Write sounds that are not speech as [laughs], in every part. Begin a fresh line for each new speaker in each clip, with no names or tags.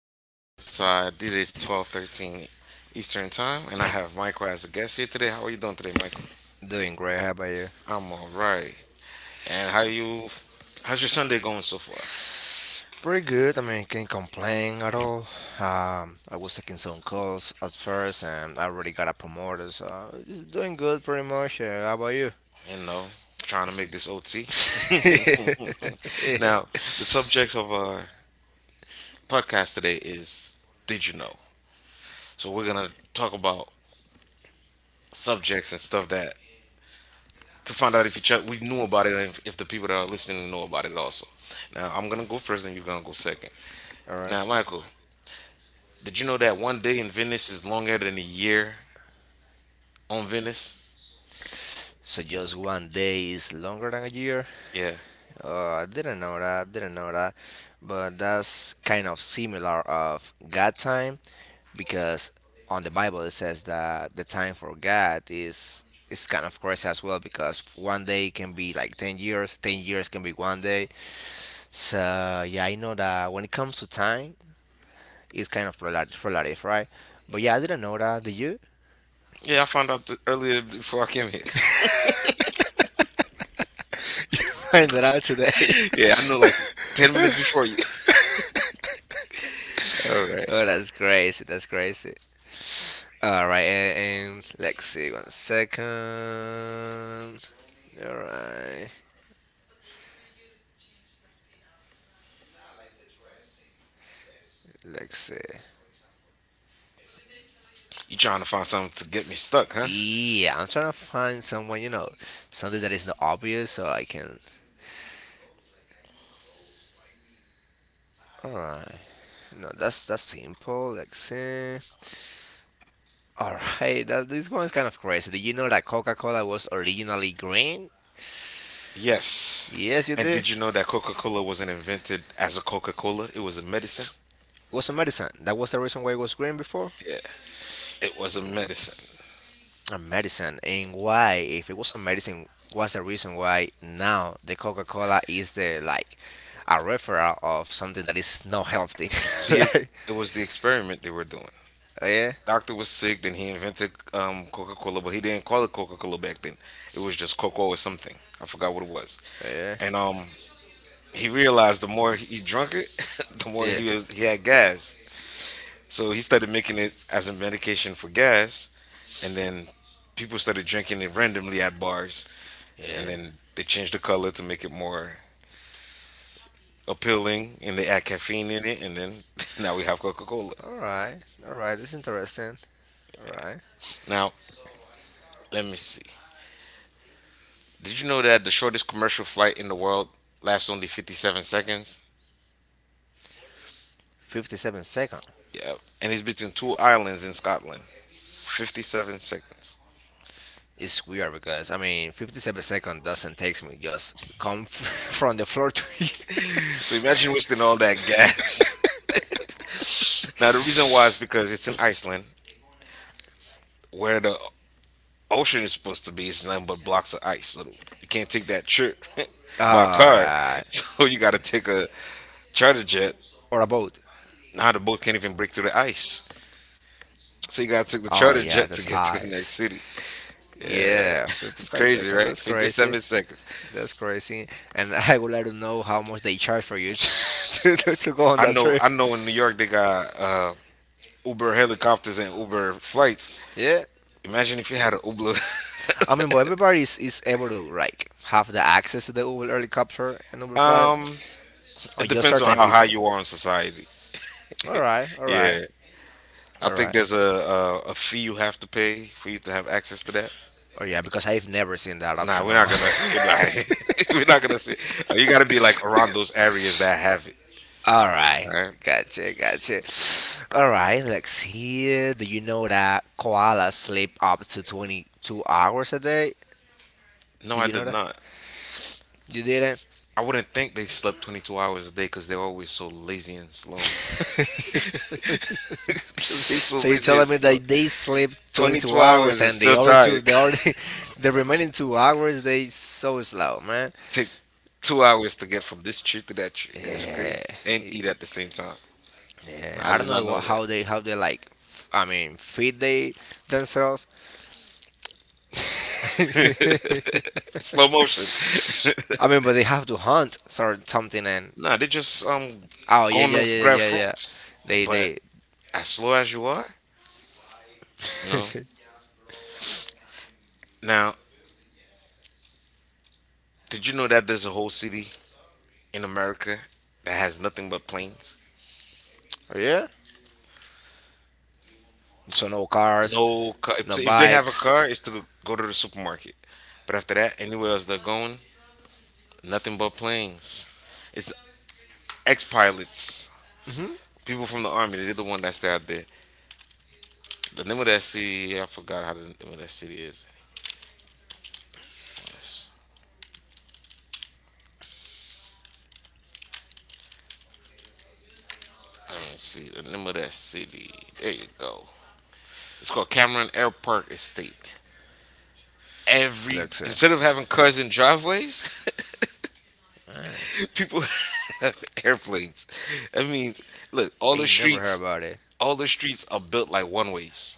Welcome to Riverside. It is 12:13 Eastern Time, and I have Michael as a guest here today. How are you doing today, Michael?
Doing great. How about you?
I'm all right. And how you? How's your Sunday going so far?
Pretty good. I mean, can't complain at all. I was taking some calls at first, and I already got a promoter, so it's doing good pretty much. How about you?
You know, trying to make this
[laughs]
OT.
Yeah.
[laughs] Now, the subject of our podcast today is Did you know? So we're gonna talk about subjects and stuff that to find out if each other, we knew about it and if the people that are listening know about it also. Now, I'm gonna go first, and you're gonna go second.
All right.
Now, Michael, did you know that one day in Venice is longer than a year on Venice?
So just one day is longer than a year.
Yeah.
Oh, I didn't know that. But that's kind of similar of God time because on the Bible it says that the time for God is kind of crazy as well because one day can be like 10 years, 10 years can be one day. So, yeah, I know that when it comes to time, it's kind of relative, right? But yeah, I didn't know that. Did you
Yeah, I found out earlier before I came here.
[laughs] find that out today? [laughs]
[laughs] Yeah, I know like 10 minutes before you. [laughs] All right.
Oh, that's crazy. All right, and let's see one second. All right, let's see.
You trying to find something to get me stuck, huh?
Yeah, I'm trying to find someone, something that is not obvious, so I can. All right, no, that's simple. Let's see. All right, that this one's kind of crazy. Did you know that Coca-Cola was originally green?
Yes.
Yes, you
And
did.
did you know that Coca Cola wasn't invented as a Coca Cola? It was a medicine?
It was a medicine. That was the reason why it was green before.
Yeah, it was a medicine.
A medicine, and why if it was a medicine, what's the reason why now the Coca-Cola is the like a referral of something that is not healthy?
The
[laughs] Like,
It was the experiment they were doing.
oh yeah.
Doctor was sick, then he invented Coca Cola, but he didn't call it Coca Cola back then. It was just Coco or something. I forgot what it was.
Oh yeah.
And he realized the more he drunk it, [laughs] the more
Yeah.
he had gas. So he started making it as a medication for gas, and then people started drinking it randomly at bars, and
Yeah.
then they changed the color to make it more appealing, and they add caffeine in it, and then [laughs] now we have Coca Cola.
All right. All right, that's interesting. All right.
Now let me see. Did you know that the shortest commercial flight in the world lasts only 57 seconds?
57 second.
Yeah, and it's between two islands in Scotland. 57 seconds.
It's weird because I mean 57-second doesn't take me just come [laughs] from the floor to here.
So imagine wasting all that gas. [laughs] Now the reason why is because it's in Iceland, where the ocean is supposed to be is nothing but blocks of ice. So you can't take that trip
[laughs]
[laughs] by
All
car.
right.
So you got to take a charter jet.
Or a boat.
Now the boat can't even break through the ice. So you got to take the
Oh
charter
yeah,
jet to
that's
get to the next
ice.
city. Yeah, [laughs]
Yeah,
it's
55
crazy,
seconds.
right?
That's crazy.
57 seconds.
That's crazy. And [laughs] I would like to know how much they charge for you [laughs] to go on
I
that
know.
trip.
I know. In New York, they got Uber helicopters and Uber flights.
Yeah.
Imagine if you had an Ublo.
I mean, but everybody is able to like have the access to the Uber helicopter and
[laughs]
Uber flight,
um,
or
it
just
depends on
certain
how high
people.
you are in society.
All right, all right,
Yeah, I
all
think
right.
there's a fee you have to pay for you to have access to that.
Oh yeah, because I've never seen that
Nah,
option
we're
on
not
my.
gonna see it. [laughs] We're not gonna see it. You gotta be like around those areas that have it.
[laughs] All
All
right,
right.
gotcha. All right, let's hear. Do you know that koalas sleep up to 22 hours a day?
No,
Do
I
you know
did
that?
not.
You didn't?
I wouldn't think they slept 22 hours a day because they're always so lazy and slow.
[laughs]
[laughs] They so
So you're
lazy and
telling me
slow.
that they sleep 22
22
hours
hours and
and the
still
other two,
tired.
[laughs] the remaining 2 hours, they so slow, man.
Take 2 hours to get from this tree to that tree, and it's
Yeah,
crazy. And
yeah.
eat at the same time.
Yeah.
I
I don't
did not
know
know that.
how they like. I mean, feed they themselves. [laughs]
[laughs] Slow motion. [laughs]
I mean, but they have to hunt or something, and
Nah, they just
oh
going to grab
yeah.
fruits.
They
But
they
as slow as you are, you know. Now, did you know that there's a whole city in America that has nothing but planes?
oh, yeah. So no cars,
No car. If
no
if they have a
bikes.
car, it's to go to the supermarket. But after that, anywhere else they're going, nothing but planes. It's ex pilots.
Mm-hmm.
People from the army. They're the one that's out there. The name of that city, I forgot how the name of that city is. Let's- Let me see the name of that city. There you go. It's called Cameron Airport Estate. Every
Looks it.
Instead of having cars in driveways, [laughs] people [laughs] have airplanes. That means look, all the
Ain't never
streets,
heard about it.
all the streets are built like one ways.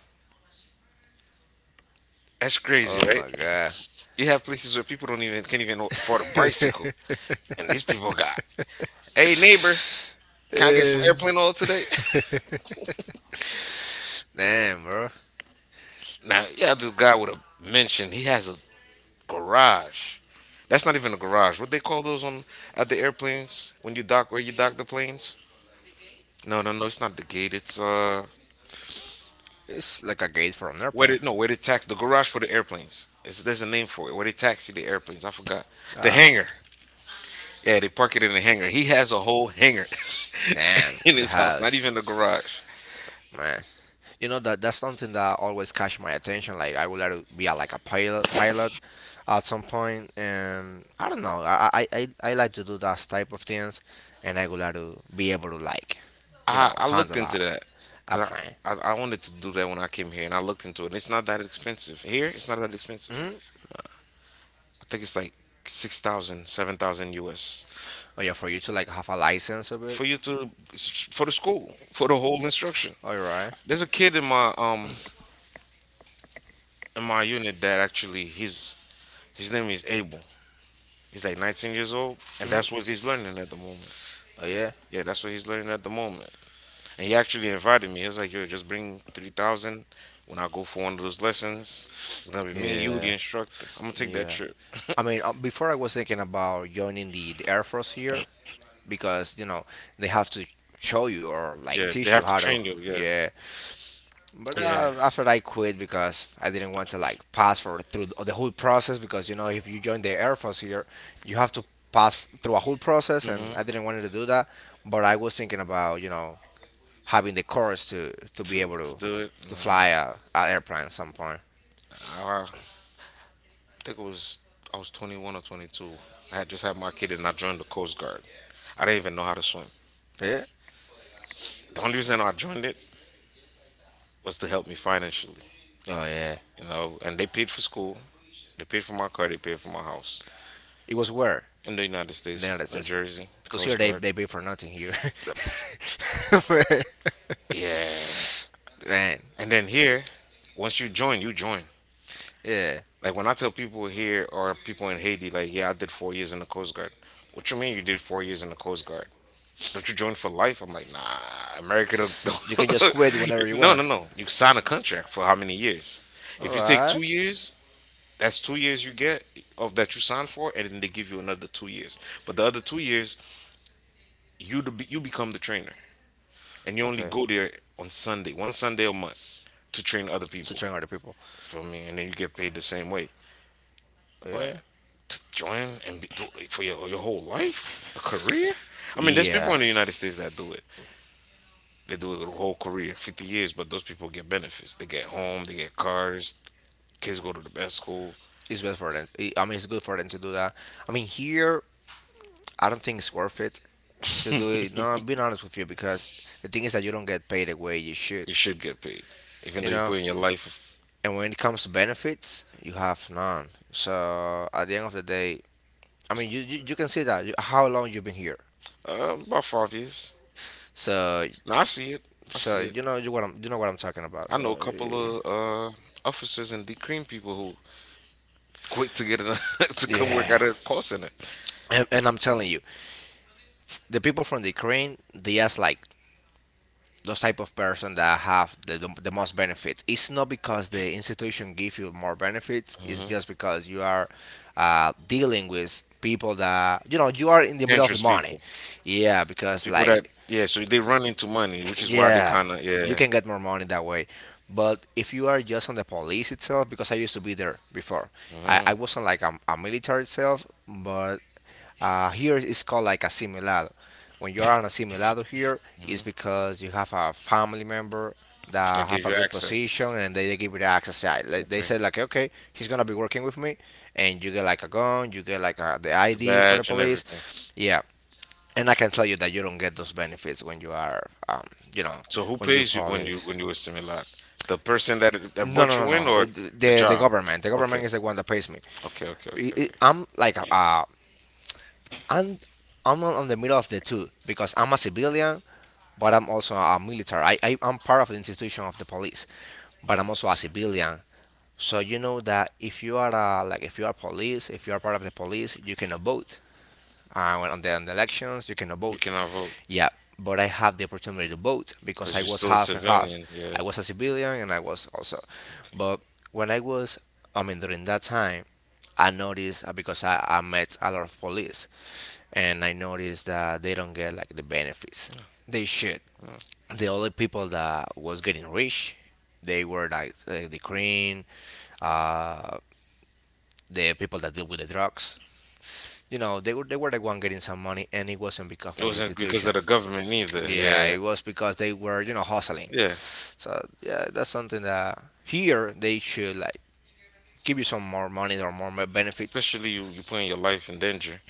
That's crazy,
Oh
right?
my god.
You have places where people don't even can't even afford a bicycle,
[laughs]
and these people got, hey neighbor, can I get some
Eh.
airplane oil today? [laughs]
[laughs] Damn, bro.
Now, yeah, this guy would have mentioned he has a garage. That's not even a garage. What they call those on at the airplanes when you dock where you dock the planes? No, no, no. It's not the gate. It's
It's like a gate for an
where
airplane.
they no, where they tax the garage for the airplanes. There's a name for it. Where they taxi the airplanes. I forgot. The
Ah,
hangar. Yeah, they park it in the hangar. He has a whole hangar
man,
[laughs] in
in the
his house, not
house.
even the garage.
Man. You know that that's something that always catch my attention. Like I would like to be like a pilot at some point, and I don't know. I like to do that type of things, and I would like to be able to like, you
I
know,
I looked
handle
into that.
a
'Cause
plane.
I wanted to do that when I came here, and I looked into it. And it's not that expensive here. It's not that expensive.
Hmm.
I think it's like 6,000, 7,000 US
Oh yeah, for you to like have a license of it.
for you to for the school, for the whole instruction.
All right.
There's a kid in my unit that actually his name is Abel. He's like 19 years old and that's what he's learning at the moment.
Oh yeah.
Yeah, that's what he's learning at the moment. And he actually invited me. He was like, "Yo, just bring 3,000 when I go for one of those lessons. It's going to be me you the
Yeah.
instructor. I'm going to take that
Yeah.
trip."
I mean, before I was thinking about joining the Air Force here because, you know, they have to show you or like
Yeah, they
teach you
have to
how to.
train you. Yeah.
Yeah. But
Yeah.
after I quit because I didn't want to like pass for through the whole process because, you know, if you join the Air Force here, you have to pass through a whole process and
hmm
I didn't want to do that. But I was thinking about, having the course to be
to,
able
to do it.
to
Man,
fly a airplane at some point.
I think it was I was 21 or 22. I had just had my kid and I joined the Coast Guard. I didn't even know how to swim.
Yeah.
The only reason I joined it was to help me financially,
Oh, yeah.
you know. And they paid for school, they paid for my car, they paid for my house
It was where?
in the United
The United
States, New
States.
Jersey,
Because here
Coast Guard.
they pay for nothing here.
Yep.
[laughs]
Yeah.
Man,
And then here, once you join, you join.
yeah.
Like when I tell people here or people in Haiti, like, yeah, I did 4 years in the Coast Guard. What you mean you did 4 years in the Coast Guard? Don't you join for life? I'm like, nah, America don't.
You can
[laughs]
just quit whenever you
No,
want.
no, no. You sign a contract for how many years?
All
If you take
right.
2 years, that's 2 years you get of that you signed for, and then they give you another 2 years. But the other 2 years, you become the trainer, and you only
Okay.
go there on Sunday, one Sunday a month to train other
To
people.
train other people.
Feel me? And then you get paid the same way.
Yeah.
But to join do it for your whole life, a career. I mean, there's
Yeah.
people in the United States that do it. They do it their whole career, 50 years. But those people get benefits. They get home. They get cars. Kids go to the best school.
It's best for them. I mean, it's good for them to do that. I mean, here, I don't think it's worth it to do it. No,
[laughs]
I'm being honest with you because the thing is that you don't get paid the way you should.
You should get paid, even
You
though you
know,
put in your life
and when it comes to benefits, you have none. So at the end of the day, I mean, you can see that you, how long you've been here.
about 5 years.
So
No, I see it. I
so
see it.
you what I'm you know what I'm talking about.
I know a
So eh,
couple of officers and decream people who quit [laughs] to come work
yeah,
at a call center.
and I'm telling you, the people from the Ukraine they ask like those type of person that have the most benefits it's not because the institution give you more benefits it's just because you are dealing with people that you know you are in the middle of the
Dangerous
money.
people.
Yeah, because
People that
like
yeah, so they run into money, which is why they
yeah
kind of
you
yeah.
can get more money that way, but if you are just on the police itself because I used to be there before.
hmm
I wasn't like a military itself but here it's called like asimilado. When you are an asimilado here, it's
hmm
because you have a family member that
That
have
gave
a
you
good
access.
position and they give you the access. Yeah, like, they
Okay.
said like, okay, he's gonna be working with me, and you get like a gun, you get like the
The
ID for the
badge and everything.
police. Yeah, and I can tell you that you don't get those benefits when you are, um, you know,
So who
when you
pays you when you
police.
when you assimilate? The person that
No,
brought
no, no,
you in
No.
or the
The
job?
the government
Okay.
is the one that pays me.
Okay. Okay. Okay. Okay.
I'm like a and I'm on the middle of the two because I'm a civilian, but I'm also a military. I I'm part of the institution of the police, but I'm also a civilian. So you know that if you are like if you are police, if you are part of the police, you cannot vote when on on the elections you cannot
You
vote.
cannot vote
Yeah, but I have the opportunity to vote because
because
I
you're
was
still a
half and half.
civilian. Yeah.
I was a civilian and I was also but when I was, I mean, during that time I noticed because I met a lot of police, and I noticed that they don't get like the benefits they should. The only people that was getting rich, they were like uh, the people that deal with the drugs, you know, they were the one getting some money, and it wasn't because
It
of the
wasn't because
institution.
of the government either.
Yeah, it
Yeah,
was because they were you know hustling.
yeah.
So yeah, that's something that here they should like give you some more money or more benefits.
Especially you putting your life in danger,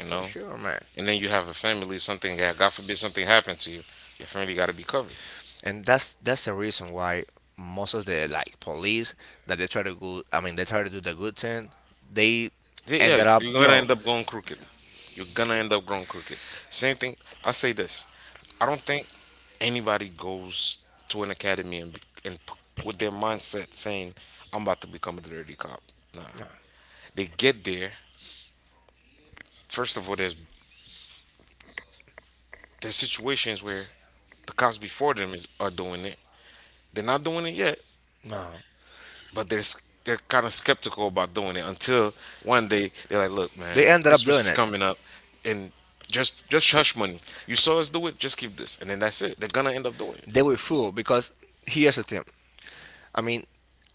you
For
know.
sure, man.
And then you have a family. Something, yeah, God forbid, something happened to you. Your family got to be covered.
And that's the reason why most of the like police that they try to go, I mean they try to do the good thing, they
Yeah,
ended up
you're
you
gonna
know
end up going crooked. You're gonna end up going crooked. Same thing. I say this. I don't think anybody goes to an academy and, be- and p- with their mindset saying, "I'm about to become a dirty cop." Nah,
no,
they get there. First of all, there's situations where the cops before them is are doing it. They're not doing it yet,
no.
but they're kind of skeptical about doing it until one day they're like, "Look, man,
They ended up
Christmas
doing.
is coming up, and just hush money. You saw us do it. Just keep this, and then that's it. They're gonna end up doing it.
And they were fooled because here's the thing. I mean,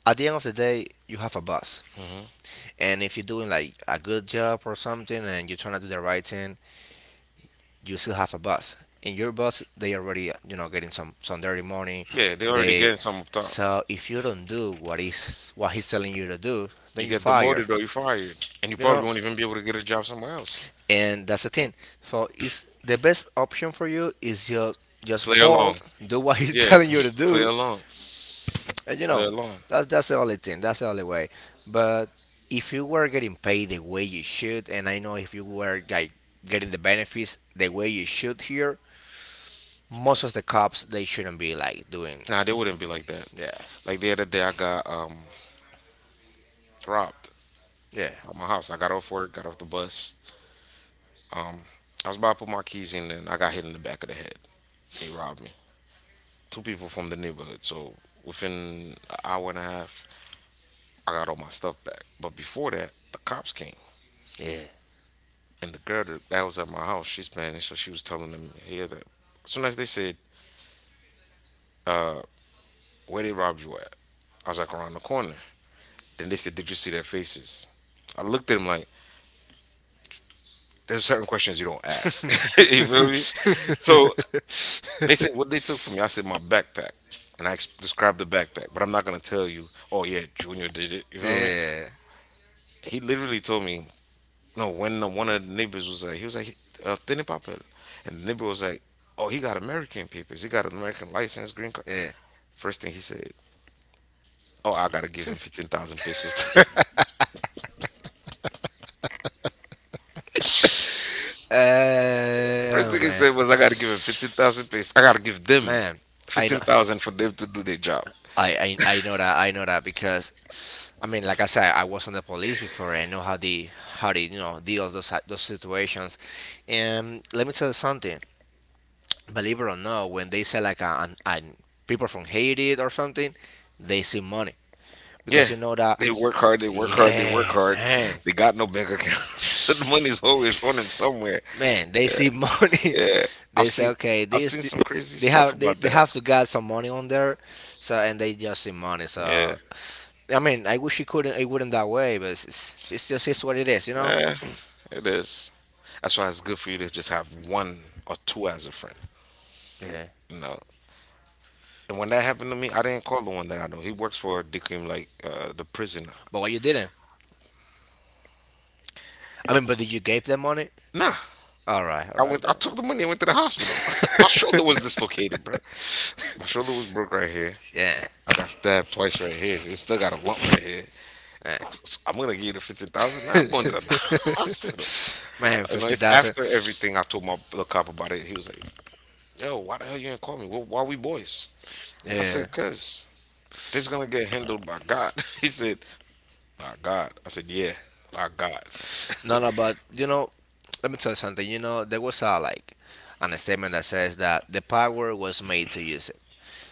at the end of the day, you have a boss, and if you're doing like a good job or something, and you're trying to do the right thing, you still have a boss. And your boss, they already you know getting some dirty money.
Yeah, they're already
They
getting some up top.
so if you don't do what is what he's telling you to do,
You
then you
get
fire.
demoted or you fired, and you
You
probably
know,
won't even be able to get a job somewhere else.
and that's the thing, so is the best option for you is your just
Play along.
fold do what he's [laughs]
Yeah,
telling you to
[laughs] play
do,
along.
and you
Play
know
along.
that's the only thing, that's the only way. But if you were getting paid the way you should, and I know if you were like getting the benefits the way you should here, most of the cops they shouldn't be like doing.
Nah, they wouldn't be like that.
yeah
Like the other day, I got robbed
yeah
at my house. I got off work, got off the bus. Um, I was about to put my keys in, and I got hit in the back of the head. They robbed me. Two people from the neighborhood. So within an hour and a half, I got all my stuff back. But before that, the cops came,
yeah
and the girl that was at my house, she's Spanish, so she was telling them here that. As soon as they said, uh, "Where they robbed you at?" I was like, "Around the corner." Then they said, "Did you see their faces?" I looked at them like, "There's certain questions you don't ask." [laughs] You feel me? So They said what they
[laughs]
took from me. I said my backpack, and described the backpack. But I'm not gonna tell you, "Oh yeah, Junior did it." You feel me?
yeah
He literally told me. No, when one of the neighbors was like, he was like, "Tiene papel," and the neighbor was like, "Oh, he got American papers. He got an American license, green card."
yeah
First thing he said, "Oh, I gotta give him 15,000 pesos." [laughs] First
Oh,
thing he
man.
said was, "I gotta give him 15,000 pesos. I gotta give them
Man, I know,
15,000 for them to do their job."
I know that because, I mean, like I said, I was on the police before, I know how the how they you know deals those those situations. And let me tell you something. Believe it or not, when they say like an people from Haiti or something, they see money
Yeah,
because you know that.
they work hard, they work
Yeah,
hard.
man.
They got no bank account, [laughs] so the money's always on them somewhere.
Man, they see money.
Yeah,
[laughs]
I've
They say,
seen
okay,
I've seen some crazy
they
stuff
have
about
they
that.
have to get some money on there, so and they just see money.
Yeah,
So, I mean, I wish it couldn't it wouldn't that way, but it's what it is, you know.
eh,
[clears throat]
it is. That's why it's good for you to just have one or two as a friend.
Yeah.
You know, and when that happened to me, I didn't call the one that I know. He works for Dickim, like the prison.
But what you didn't? I mean, but did you gave them money?
Nah,
All
I
right
went. I
then.
took the money and went to the hospital. [laughs] My shoulder was dislocated, bro. My shoulder was broke right here.
Yeah.
I got stabbed twice right here. It still got a lump right here.
Yeah.
So I'm gonna give you the 15,000. Nah, I'm going to the [laughs]
[laughs]
hospital.
Man,
You know,
fifty
it's
thousand.
after everything. I told my the cop about it. He was like, "Yo, why the hell you ain't call me? Why we boys?" I
Yeah.
said, "Cause this gonna get handled by God." [laughs] He said, "By God." I said, "Yeah, by God."
No, no, but you know, let me tell you something. You know, there was a like an statement that says that the power was made to use it.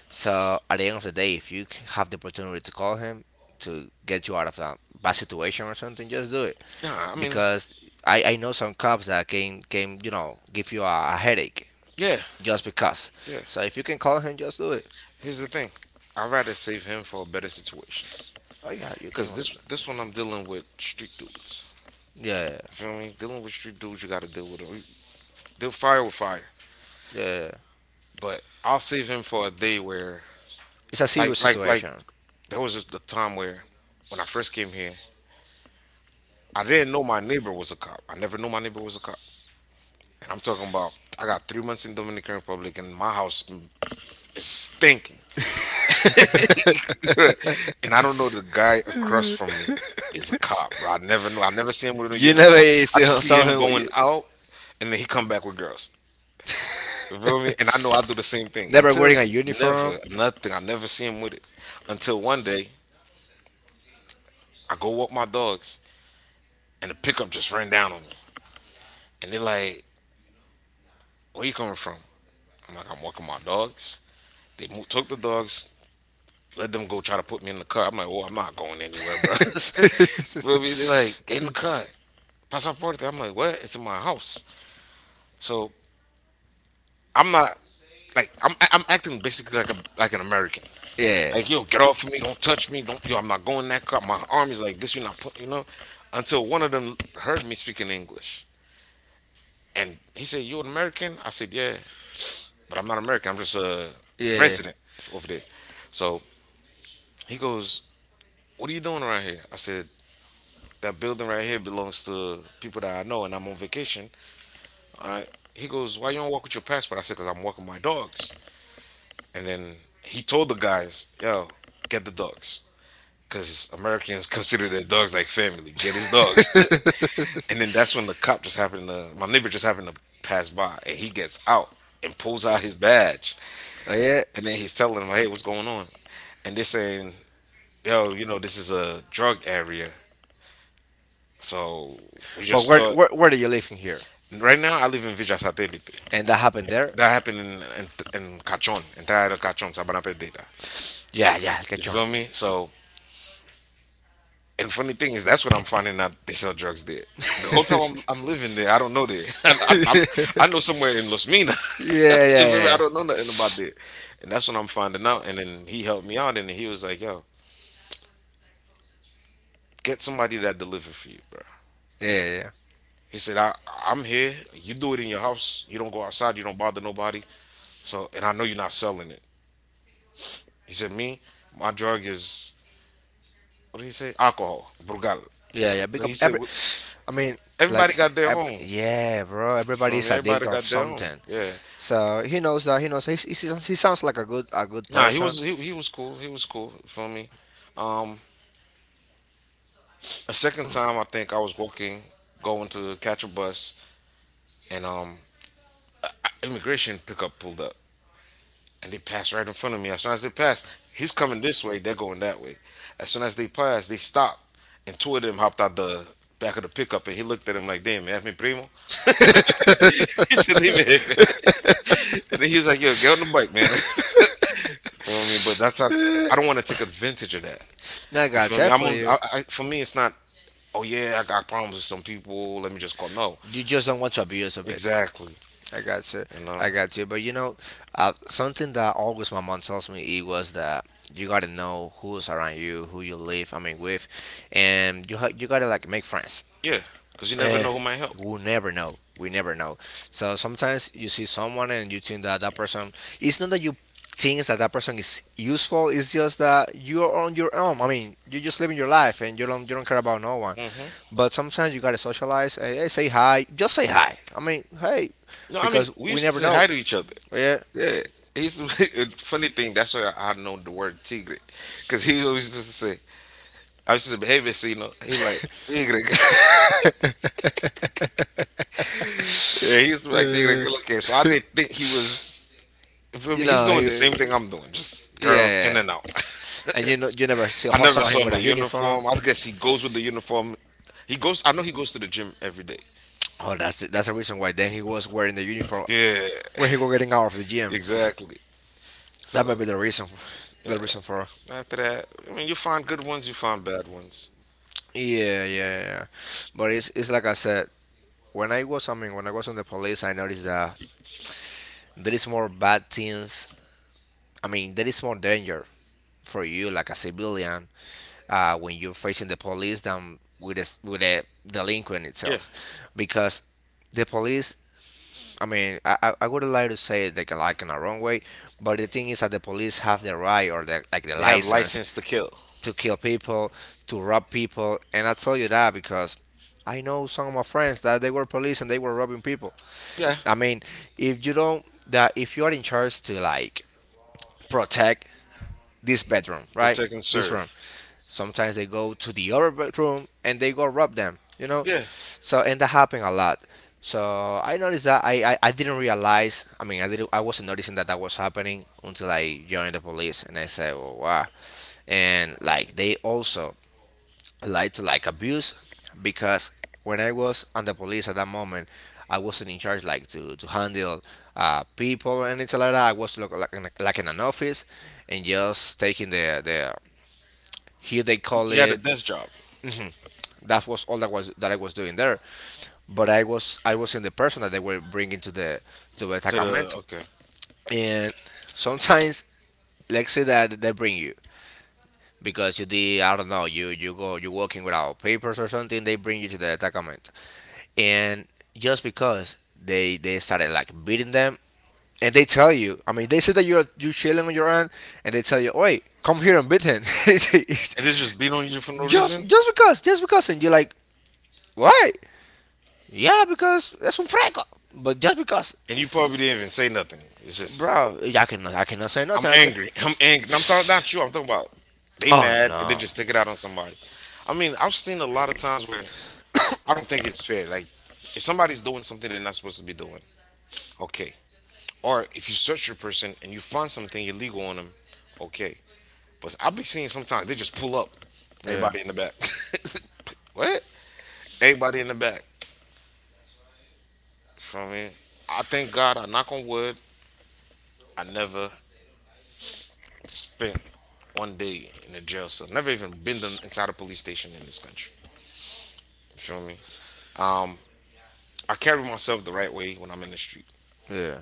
So at the end of the day, if you have the opportunity to call him to get you out of that bad situation or something, just do it.
Nah, I mean,
Because I know some cops that can give you a headache
yeah,
just because.
yeah.
So if you can call him, just do it.
Here's the thing. I'd rather save him for a better situation.
Oh yeah, you can
Cause
also. Do it.
this one I'm dealing with street dudes.
Yeah, yeah,
You feel me? Dealing with street dudes, you gotta deal with them. They'll fire with fire.
yeah, yeah.
But I'll save him for a day where,
It's a
like,
serious
like, like,
situation.
there was a time where, when I first came here, I didn't know my neighbor was a cop. I never knew my neighbor was a cop. And I'm talking about, I got 3 months in Dominican Republic, and my house is stinking. [laughs] And I don't know the guy across from
[laughs]
me is a cop, bro. I never knew. I never see him with a
You
uniform.
never
I just see
saw
him going
him.
out, and then he come back with girls. You feel me? And I know
[laughs]
I do the same thing.
Never
Until
wearing a
never,
uniform.
nothing. I never see him with it. Until one day, I go walk my dogs, and the pickup just ran down on me. And they're like, "Where you coming from?" I'm like, "I'm walking my dogs." Took the dogs, let them go, try to put me in the car. I'm like, "Oh, I'm not going anywhere, bro." [laughs] Feel me? They're like, "Get in the car, pasaporte." I'm like, "What? It's in my house." So I'm not, like, I'm acting basically like a like an American.
Yeah.
Like, yo, get off of me! Don't touch me! Don't, yo! I'm not going in that car. My arm is like this. You're not putting, you know. Until one of them heard me speaking English, and he said, "You an American?" I said, "Yeah." But I'm not American. I'm just a
Yeah.
resident over there. So he goes, "What are you doing around here?" I said, "That building right here belongs to people that I know, and I'm on vacation." All right. He goes, "Why you don't walk with your passport?" I said, "Because I'm walking my dogs." And then he told the guys, "Yo, get the dogs. Because Americans [laughs] consider their dogs like family. Get his dogs." [laughs] And then that's when the cop just happened to, my neighbor just happened to pass by, and he gets out and pulls out his badge.
Oh, yeah.
And then he's telling them, "Hey, what's going on?" And they're saying, "Yo, you know, this is a drug area. So we
But
just
where,
thought."
where where do you live in here?
Right now, I live in Villa Satellite.
And that happened there?
That happened in Cachon, entire Cachon, Sabana Perdida.
Yeah, yeah,
You
get you.
feel me? So, and funny thing is, that's when I'm finding out they sell drugs there. The whole time I'm living there, I don't know there. [laughs] I know somewhere in Los Minas.
Yeah,
[laughs]
yeah,
You feel me? I don't know nothing
yeah.
about there. And that's when I'm finding out. And then he helped me out, and he was like, "Yo, get somebody that deliver for you, bro."
Yeah, yeah, yeah.
He said, I'm here. You do it in your house. You don't go outside. You don't bother nobody. So, and I know you're not selling it." He said, "Me, my drug is," what did he say? "Alcohol, Brugal."
Yeah, yeah.
So he
Because
said, "Well,
I mean, like,
everybody got their own.
Everybody ev
You
yeah, bro. Everybody
feel me?
is
Everybody
addicted of
got their own.
something,
Yeah."
so he knows that. He knows he sounds like a good, yeah,
Nah, he
person.
was he was cool. He was cool. You feel me? Um, a second time, I think I was walking, going to catch a bus, and immigration pickup pulled up, and they pass right in front of me. As soon as they pass, he's coming this way, they're going that way. As soon as they pass, they stop, and two of them hopped out the back of the pickup, and he looked at him like, "Damn, that's me primo." [laughs] He said, "Leave me here, man." And then he's like, "Yo, get on the bike, man." [laughs] You feel me? But that's how I don't want to take advantage of that.
I
You
got
feel me?
that
I'm
for
on.
you.
For me, it's not. "Oh yeah, I got problems with some people. Let me just call." No,
You just don't want to abuse of it.
exactly.
I got you.
You know.
I got you. But you know, something that always my mom tells me it was that you gotta know who's around you, who you live, I mean, with, and you gotta like make friends.
Yeah, because you never
Eh,
know who might help.
we never know. We never know. So sometimes you see someone and you think that that person. It's not that you think that that person is useful. It's just that you're on your own. I mean, you're just living your life and you don't care about no one.
Hmm.
But sometimes you gotta socialize. Hey, hey, say hi. Just say hi. I mean, hey,
No, I mean,
because
we
we
used to
never
say
know.
hi to each other.
Yeah.
Yeah, he's [laughs] funny thing. That's why I know the word tigre, because he always used to say, I used to say, "Hey, vecino." He like tigre.
[laughs]
[laughs] Yeah, he used to be like tigre.
Uh,
Okay, so I didn't think he was. You feel
you
me? He's
know,
doing the same
he,
thing I'm doing, just
yeah,
girls in
yeah.
and out.
And you know, you never
[laughs] I never
saw
saw
him with
no
also a know uniform.
uniform. I guess he goes with the uniform. He goes. I know he goes to the gym every day.
Oh, that's the reason why. Then he was wearing the uniform, yeah,
Yeah,
when he was getting out of the
[laughs]
gym.
exactly. So
That might be the reason.
yeah.
The reason for.
After that, I mean, you find good ones, you find bad ones.
Yeah, yeah, yeah. But it's like I said. I mean, when I was on the police, I noticed that there is more bad things. I mean, there is more danger for you like a civilian when you're facing the police than with with a delinquent
Yeah.
itself because the police, I mean, I would like to say it like in a wrong way, but the thing is that the police have the right or like the
They have license to
license
kill.
to kill people, to rob people. And I tell you that because I know some of my friends that they were police and they were robbing people.
Yeah.
I mean, if you don't that if you are in charge to like protect this bedroom, right?
Protect and
This room.
serve.
Sometimes they go to the other bedroom and they go rob them, you know?
Yeah,
So, and that happened a lot. So I noticed that I didn't realize, I mean, I wasn't noticing that that was happening until I joined the police and I said, oh, wow. And like, they also like to like abuse because when I was on the police at that moment, I wasn't in charge like to handle people and it's like that. I was like, like in an office and just taking the, here they call
you had a
it,
desk job
that was all that was that I was doing there. But I was in the person that they were bringing to the
to the
attackament,
okay, and
and sometimes let's say that they bring you because you did, I don't know, you go, you working without papers or something, they bring you to the attackament, and just because they started like beating them. And they tell you, I mean, they say that you're you chilling on your own, and they tell you, wait, come here and beat him. [laughs] just
it's just beat on you for no
just
reason,
because, just because, and you're like, why. Yeah, because es un fresco. But just because,
and you probably didn't even say nothing. It's just,
bro, I cannot say
I'm
nothing. I can.
angry. [laughs] I'm angry. I'm talking not you. I'm
[sighs]
talking about they
Oh
mad and they
no.
just take it out on somebody. I mean, I've seen a lot of times where I don't think it's fair. Like, if somebody's doing something they're not supposed to be doing, okay. Or if you search your person and you find something illegal on them, okay. But I'll be seeing sometimes they just pull up.
Yeah,
Everybody in the back. [laughs] What? Everybody in the back. Feel me? I thank God. I knock on wood. I never spent one day in a jail cell. Never even been done inside a police station in this country. You feel me? Um, I carry myself the right way when I'm in the street.
yeah.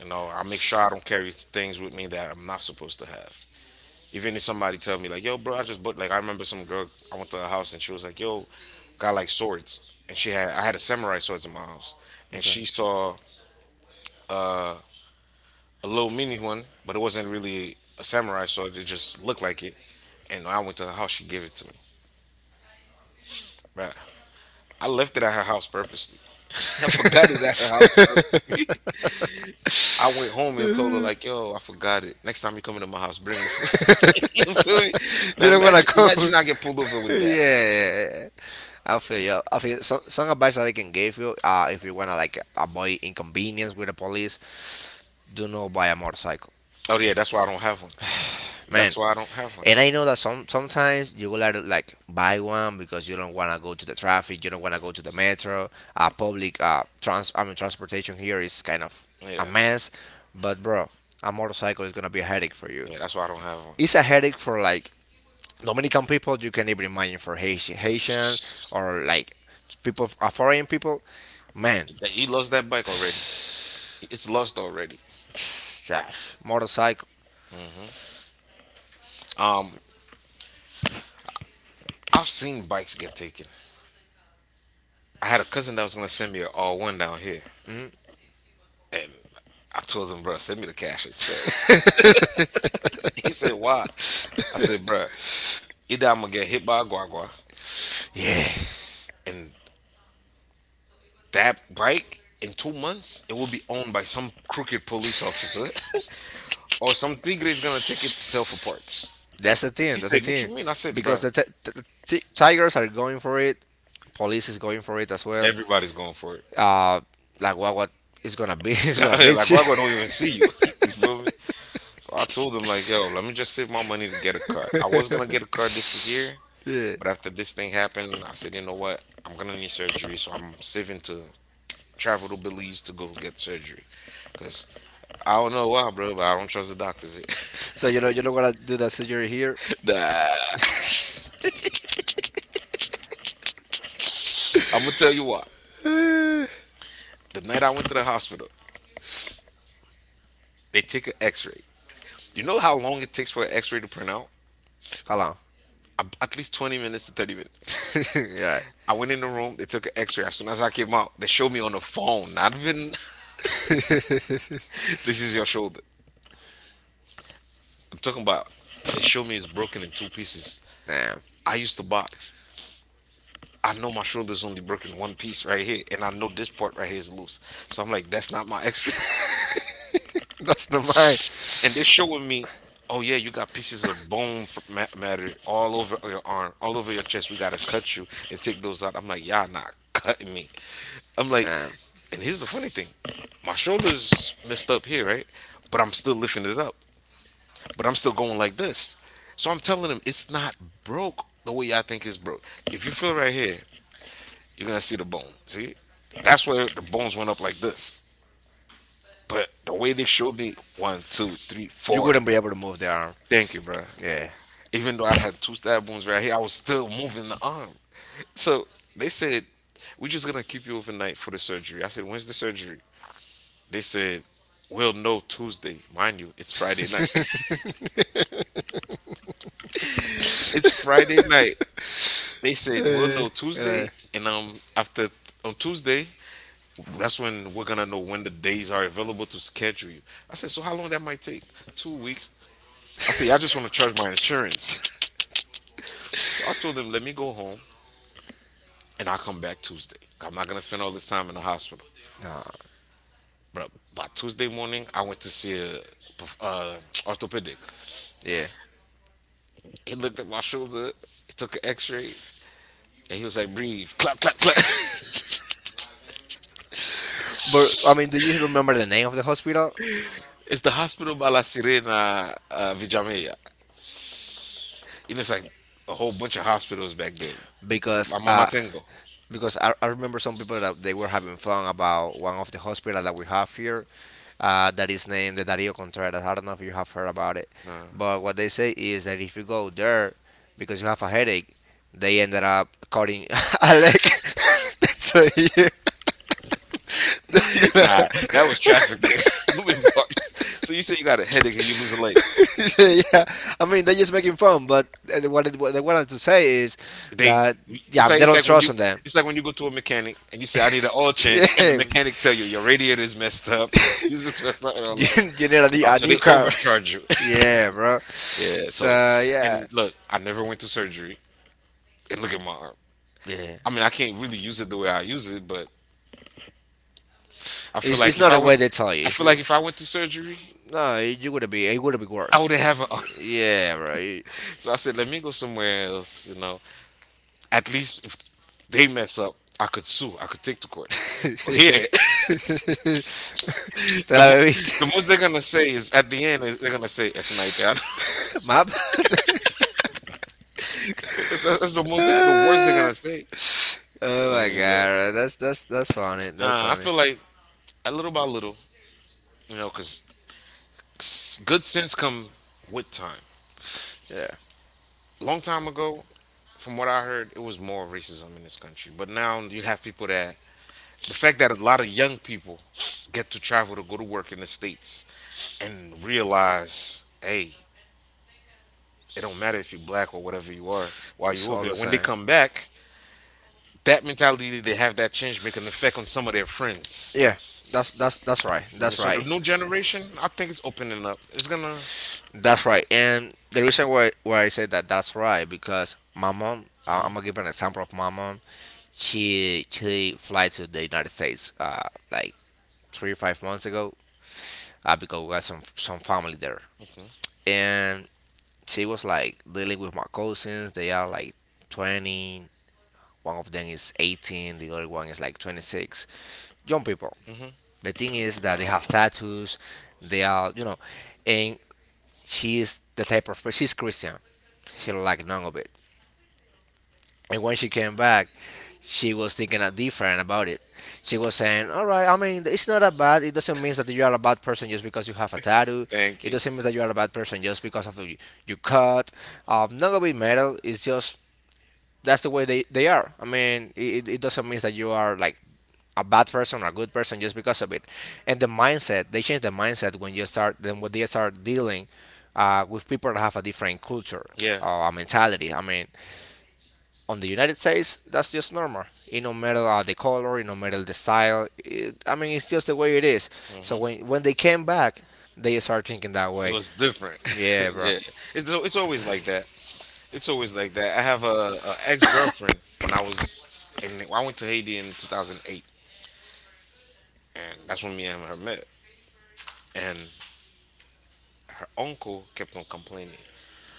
You know, I make sure I don't carry things with me that I'm not supposed to have. Even if somebody tell me like, "Yo, bro, I just bought." Like, I remember some girl. I went to her house, and she was like, "Yo, got like swords," and she had I had a samurai swords in my house, and
Okay.
she saw uh, a little mini one, but it wasn't really a samurai sword. It just looked like it. And I went to her house, she gave it to me. Bruh, I left it at her house purposely. [laughs] I forgot it at her house purposely. [laughs] I went home and told her like, "Yo, I forgot it. Next time you come into my house, bring it for me." [laughs] You feel me?
You
Now
don't want
imagine,
to go.
imagine I get pulled over
[laughs] Yeah,
with that.
yeah, yeah. I feel you. I feel some advice that I can give you. If you wanna like avoid inconvenience with the police, do not buy a motorcycle,
Oh yeah, that's why I don't have one.
man.
That's why I don't have one.
And I know that sometimes you will have to like buy one because you don't wanna go to the traffic, you don't wanna go to the metro. Public trans I mean transportation here is kind of a
Yeah,
mess. But bro, a motorcycle is gonna be a headache for you.
but yeah. That's why I don't have one.
It's a headache for like Dominican people. You can even imagine for Haitian or like people, foreign people, man.
Like, yeah, he lost that bike already. It's lost already.
[sniffs] Yes, motorcycle,
Um, I've seen bikes get taken. I had a cousin that was gonna send me an all one down here, and I told him, "Bro, send me the cash instead." [laughs] He said, "Why?" I said, bro, either I'm gonna get hit by a guagua
yeah,
and that bike in 2 months it will be owned by some crooked police officer [laughs] or some tigre is gonna take it to sell for parts. He
that's the
said, what
thing,
you mean? I said, bro,
because the tigers are going for it, police is going for it as well,
everybody's going for
uh, like what is gonna be, [laughs] is gonna
it. [laughs] Like
beat you,
wago don't even see you. [laughs] You feel me? So I told him like, yo, let me just save my money to get a car. I was gonna get a car this year,
[laughs] yeah.
but after this thing happened I said, you know what, I'm gonna need surgery, so I'm saving to travel to Belize to go get surgery, because I don't know why, bro, but I don't trust the doctors
So
here.
you know you're not gonna do that surgery here,
[laughs] Nah, I'm gonna tell you why. The night I went to the hospital, they take an X-ray. You know how long it takes for an X-ray to print out?
hold on,
At least 20 minutes to 30 minutes.
[laughs] yeah,
I went in the room. They took an X-ray. As soon as I came out, they showed me on the phone. Not even [laughs]
[laughs]
this is your shoulder. I'm talking about. They showed me it's broken in two pieces.
damn,
I used to box. I know my shoulder's only broken one piece right here, and I know this part right here is loose. So I'm like, that's not my X-ray.
that's not mine.
And they're showing me, oh yeah, you got pieces of bone matter all over your arm, all over your chest. We gotta cut you and take those out. I'm like, y'all not cutting me. I'm like,
Uh,
and here's the funny thing, my shoulders messed up here, right? But I'm still lifting it up. But I'm still going like this. So I'm telling him it's not broke the way I think it's broke. If you feel right here, you're gonna see the bone. See, that's where the bones went up like this. But the way they showed me, one, two, three,
you
four.
wouldn't be able to move the arm.
Thank you, bro.
Yeah.
Even though I had two stab wounds right here, I was still moving the arm. So they said, we're just gonna keep you overnight for the surgery. I said, when's the surgery? They said, we'll know Tuesday. Mind you, it's Friday night. [laughs] It's Friday night. They said, we'll
Uh,
know
yeah.
Tuesday. And after on Tuesday, that's when we're gonna know when the days are available to schedule you. I said, so how long that might take? 2 weeks. I said, I just wanna charge my insurance. [laughs] So I told them, let me go home and I'll come back Tuesday. I'm not gonna spend all this time in the hospital.
No.
Bro, by Tuesday morning, I went to see a perf- uh, orthopedic.
Yeah.
He looked at my shoulder, he took an X-ray, and he was like, "Breathe, clap, clap, clap." [laughs]
But I mean, do you remember the name of the hospital?
It's the hospital by La Sirena, Vijameya. You know, it's like a whole bunch of hospitals back then.
because
My mama
uh,
tengo.
because I remember some people that they were having fun about one of the hospital that we have here, that is named the Dario Contreras. I don't know if you have heard about it,
Nah,
but what they say is that if you go there because you have a headache, they ended up cutting [laughs] a leg. [laughs] So you, [laughs] they're
[laughs]
gonna,
nah, that was trafficking. [laughs] You human parts. So you say you got a headache and you lose a leg.
[laughs] yeah, I mean, they're just making fun. But what what they wanted to say is
They,
that,
it's
yeah,
like
they don't trust on them.
It's like when you go to a mechanic and you say, "I need an oil change," and the
[laughs]
mechanic tell you your radiator is messed up, your fuse is messed up, and
[laughs]
all
You
that.
need
Oh,
a
so
new, [laughs]
they
you.
overcharge you.
Yeah, bro. Yeah.
[laughs] Yeah.
So
So,
yeah,
and look, I never went to surgery, and look at my arm.
yeah.
I mean, I can't really use it the way I use it, but I feel like if
Not
I
the
went,
way they tell you.
I
It's,
feel like
it?
if I went to surgery,
No, you would be, I
I
worse.
wouldn't have an arm.
Hood.
[laughs]
Yeah, bro. [laughs]
So I said, let me go somewhere else. You know, at least if they mess up, I could sue. I could take to court. But here, [laughs]
[laughs] Te
the
la
mo-
bebiste, [laughs]
the most they're gonna
the
say is at the end is they're gonna say it's like that.
is map. [laughs] [laughs] That's,
[laughs] That's the most, the worst they're gonna say.
oh
I
my
mean,
god,
but
right? That's funny. That's
nah, I
funny.
feel like a little by little, you know, because good sense come with time.
Yeah,
Long time ago, from what I heard, it was more racism in this country. But now you have people that the fact that a lot of young people get to travel to go to work in the states and realize, hey, it don't matter if you're black or whatever you are while you're
it's all
over there.
the
When they
same.
come back, that mentality that they have that change make an effect on some of their friends.
Yeah, that's right.
You know what I
That's
mean?
so
So the
right.
new generation, I think it's opening up. It's gonna.
That's right. And the reason why I said that that's right because my mom. I'm gonna give an example of my mom. She fly to the United States like 3 to 5 months ago, because we got some family there.
Okay.
And she was like dealing with my cousins. They are like 20. One of them is 18. The other one is like 26. Young people.
Hmm.
The thing is that they have tattoos. They are, you know, and she is the type of she's Christian. She don't like none of it. And when she came back, she was thinking a different about it. She was saying, "All right, I mean, it's not that bad. It doesn't mean that you are a bad person just because you have a tattoo.
Thank
It
you.
doesn't mean that you are a bad person just because of you cut. Not gonna be metal. It's just that's the way they are. I mean, it doesn't mean that you are like a bad person or a good person just because of it. And the mindset, they change the mindset when you start, then when they start dealing with people that have a different culture
Yeah.
or a mentality. I mean, on the United States, that's just normal. It no matter the color, it no matter the style. I mean, it's just the way it is. So
Hmm.
when they came back, they start thinking that
It
way.
was different.
Yeah,
[laughs]
bro.
Yeah. It's always like that. It's always like that. I have a ex girlfriend when I was in I went to Haiti in 2008, and that's when me and her met. And her uncle kept on complaining.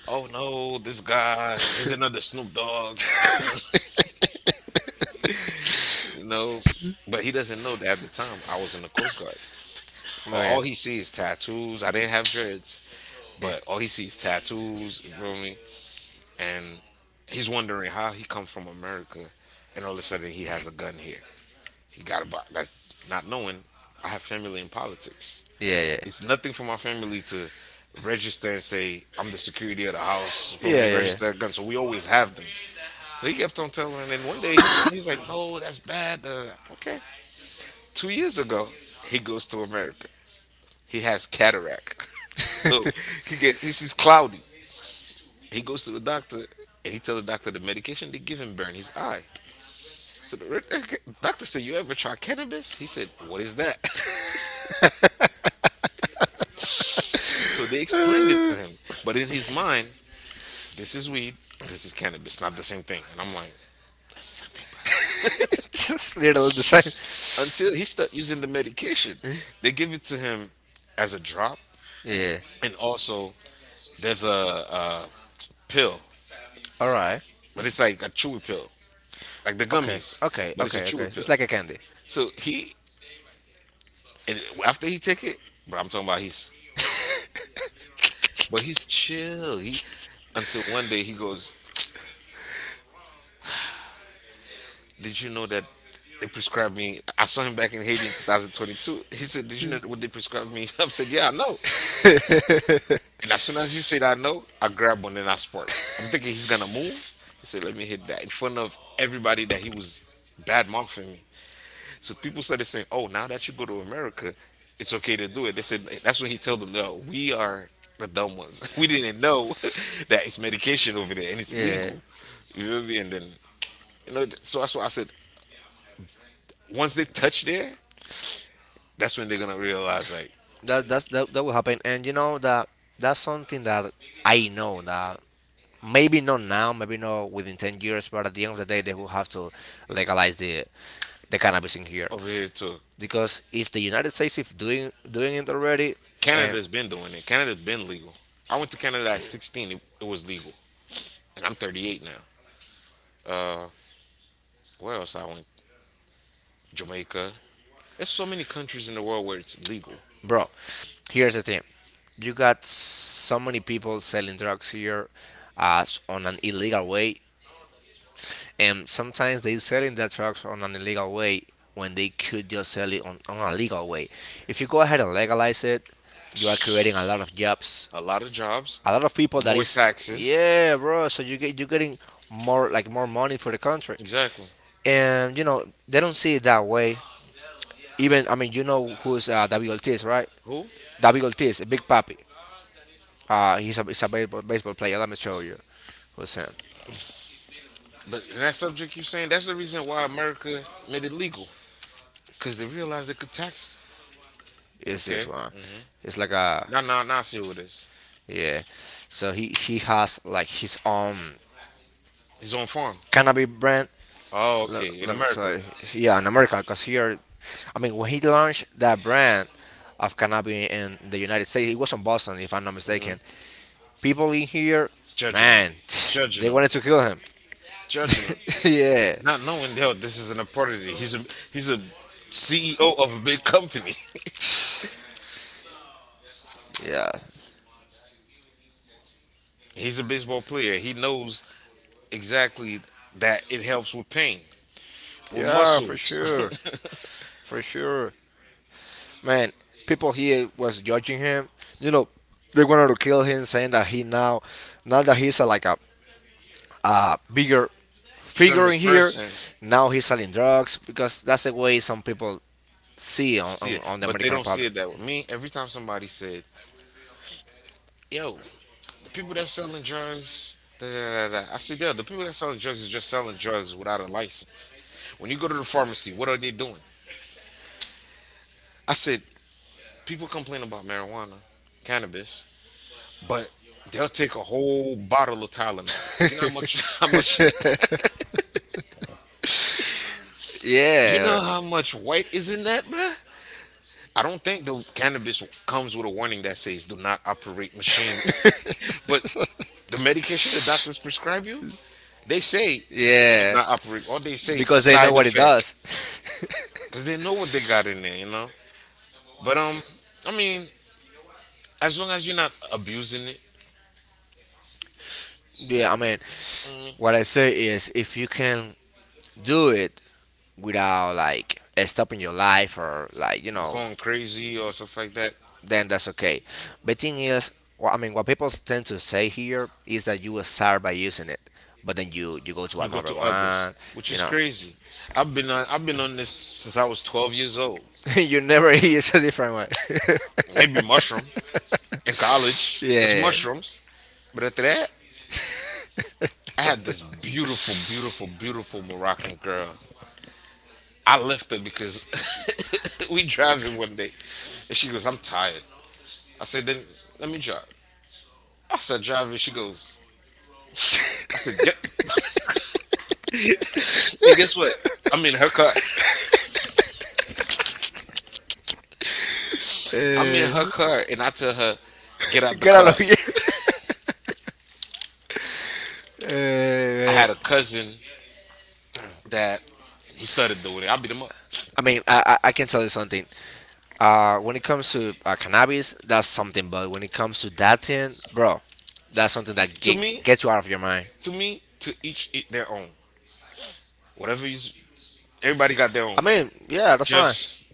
Oh no, this guy is another Snoop Dogg, you know. But he doesn't know that at the time I was in the Coast Guard.
Yeah,
All he sees is tattoos. I didn't have dreads,
yeah,
but all he sees is tattoos. You feel me? And he's wondering how he comes from America, and all of a sudden he has a gun here. He got a box. That's not knowing I have family in politics.
yeah, yeah,
It's nothing for my family to register and say I'm the security of the house for
yeah,
me and
yeah, yeah.
register a gun. So we always have them.
[laughs]
So he kept on telling, and then one day he's like, "No, that's bad." Okay, 2 years ago he goes to America. He has cataract. [laughs] So he sees cloudy. He goes to the doctor and he tells the doctor the medication they give him burn his eye. So the doctor said, "You ever try cannabis?" He said, "What is that?" [laughs] So they explained it to him. But in his mind, this is weed, this is cannabis, not the same thing. And I'm like, "That's the same thing, bro."
Just little the same.
[laughs] Until he started using the medication, they give it to him as a drop,
Yeah.
and also there's a pill,
All right.
but it's like a chewy pill, like the
Okay.
gummies,
Okay.
but it's a
Okay. Okay.
chewy pill.
It's like a candy.
So he, and after he take it, bro, I'm talking about he's chill. He until one day he goes, did you know that they prescribed me? I saw him back in Haiti in 2022. He said, "Did you know what they prescribed me?" [laughs] I said, "Yeah, I know." And as soon as he said, "I know," I grabbed one and I sport. I'm thinking he's gonna move. He said, "Let me hit that in front of everybody that he was bad mouthing me." So people started saying, "Oh, now that you go to America, it's okay to do it." They said that's when he told them, "No, we are." The dumb ones. [laughs] We didn't know [laughs] that it's medication over there and it's
Yeah.
legal. You feel me? And then you know, so that's why I said once they touch there, that's when they're gonna realize like
That will happen, and you know that that's something that I know that maybe not now, maybe not within 10 years, but at the end of the day, they will have to legalize the cannabis in here.
over here too.
Because if the United States is doing it already. And
Canada's been doing it. Canada's been legal. I went to Canada at 16. It was legal, and I'm 38 now. Uh, where else I went? Jamaica. There's so many countries in the world where it's legal.
bro, here's the thing: you got so many people selling drugs here, on an illegal way, and sometimes they selling their drugs on an illegal way when they could just sell it on a legal way. If you go ahead and legalize it. You are creating a lot of jobs,
A lot of jobs,
a lot of people that
more
is,
taxes.
yeah, bro. So you're getting more like more money for the country.
Exactly.
And you know they don't see it that way. Even, I mean, you know who's David Ortiz, right?
Who?
David Ortiz, Big Papi. He's a baseball player. Let me show you who's him.
But in that subject you're saying, that's the reason why America made it legal. Because they realized they could tax.
It's this
Okay.
one?
Hmm.
It's like a,
Now, now I see who it is.
yeah. So he has like his own
He's on farm.
cannabis brand.
Oh,
Let,
okay. In
let me tell
America.
you. Yeah, in America, because here, I mean, when he launched that brand of cannabis in the United States, he was in Boston, if I'm not
Hmm.
mistaken. People in here,
Judging them.
man, [tsk]
Judging
they
them.
wanted to kill him.
Judging him,
[laughs] yeah,
not knowing hell, this is an opportunity. He's a CEO of a big company.
yeah,
[laughs] He's a baseball player. He knows exactly that it helps with pain, with
yeah, for
muscles.
sure, for sure. Man, people here was judging him. You know, they wanted to kill him, saying that he now, now that he's like a bigger
[laughs]
figure
Famous
in here,
person
now he's selling drugs because that's the way some people see on,
see
on,
it,
on the
but they
American
don't see
Republic.
it that way. Me, every time somebody said, "Yo, the people that selling drugs," da, da, da, da. I said, "Yo, the people that selling drugs is just selling drugs without a license." When you go to the pharmacy, what are they doing? I said, "People complain about marijuana, cannabis." But they'll take a whole bottle of Tylenol. You know how much [laughs] how much you
Yeah,
know how much white is in that, bruh? I don't think the cannabis comes with a warning that says do not operate machine. [laughs] But the medication the doctors prescribe you, they say do
yeah,
not operate or they say
because they know
side
what it
effect
does. [laughs]
cuz they know what they got in there, you know? But I mean, as long as you're not abusing it,
yeah, I mean,
mm,
what I say is if you can do it without like stopping your life or like,
going crazy or stuff like that,
then that's okay. The thing is, I mean, what people tend to say here is that you will start by using it, but then you go to
you go
another
to
one,
others, which
you
is
know,
crazy. I've been on this since I was 12 years old.
[laughs] you never use a different one.
Maybe mushroom in
[laughs]
college. It's
yeah,
mushrooms. But after that, I had this beautiful, beautiful, beautiful Moroccan girl. I left her because [laughs] we driving one day, and she goes, "I'm tired." I said, "Then let me drive." I said, "Driving." She goes, "I said, get." And guess what? I'm in her car. I'm in her car, and I tell her, "Get out the
get
car."
out, get of
I
here.
had a
[laughs]
cousin that he started doing it. I beat him up.
I mean, I can tell you something. When it comes to cannabis, that's something. But when it comes to dating, bro, that's something that
To me,
gets you out of your mind.
to me, to each their own. Whatever you, everybody got their
I
own.
mean, yeah, that's fine.
Just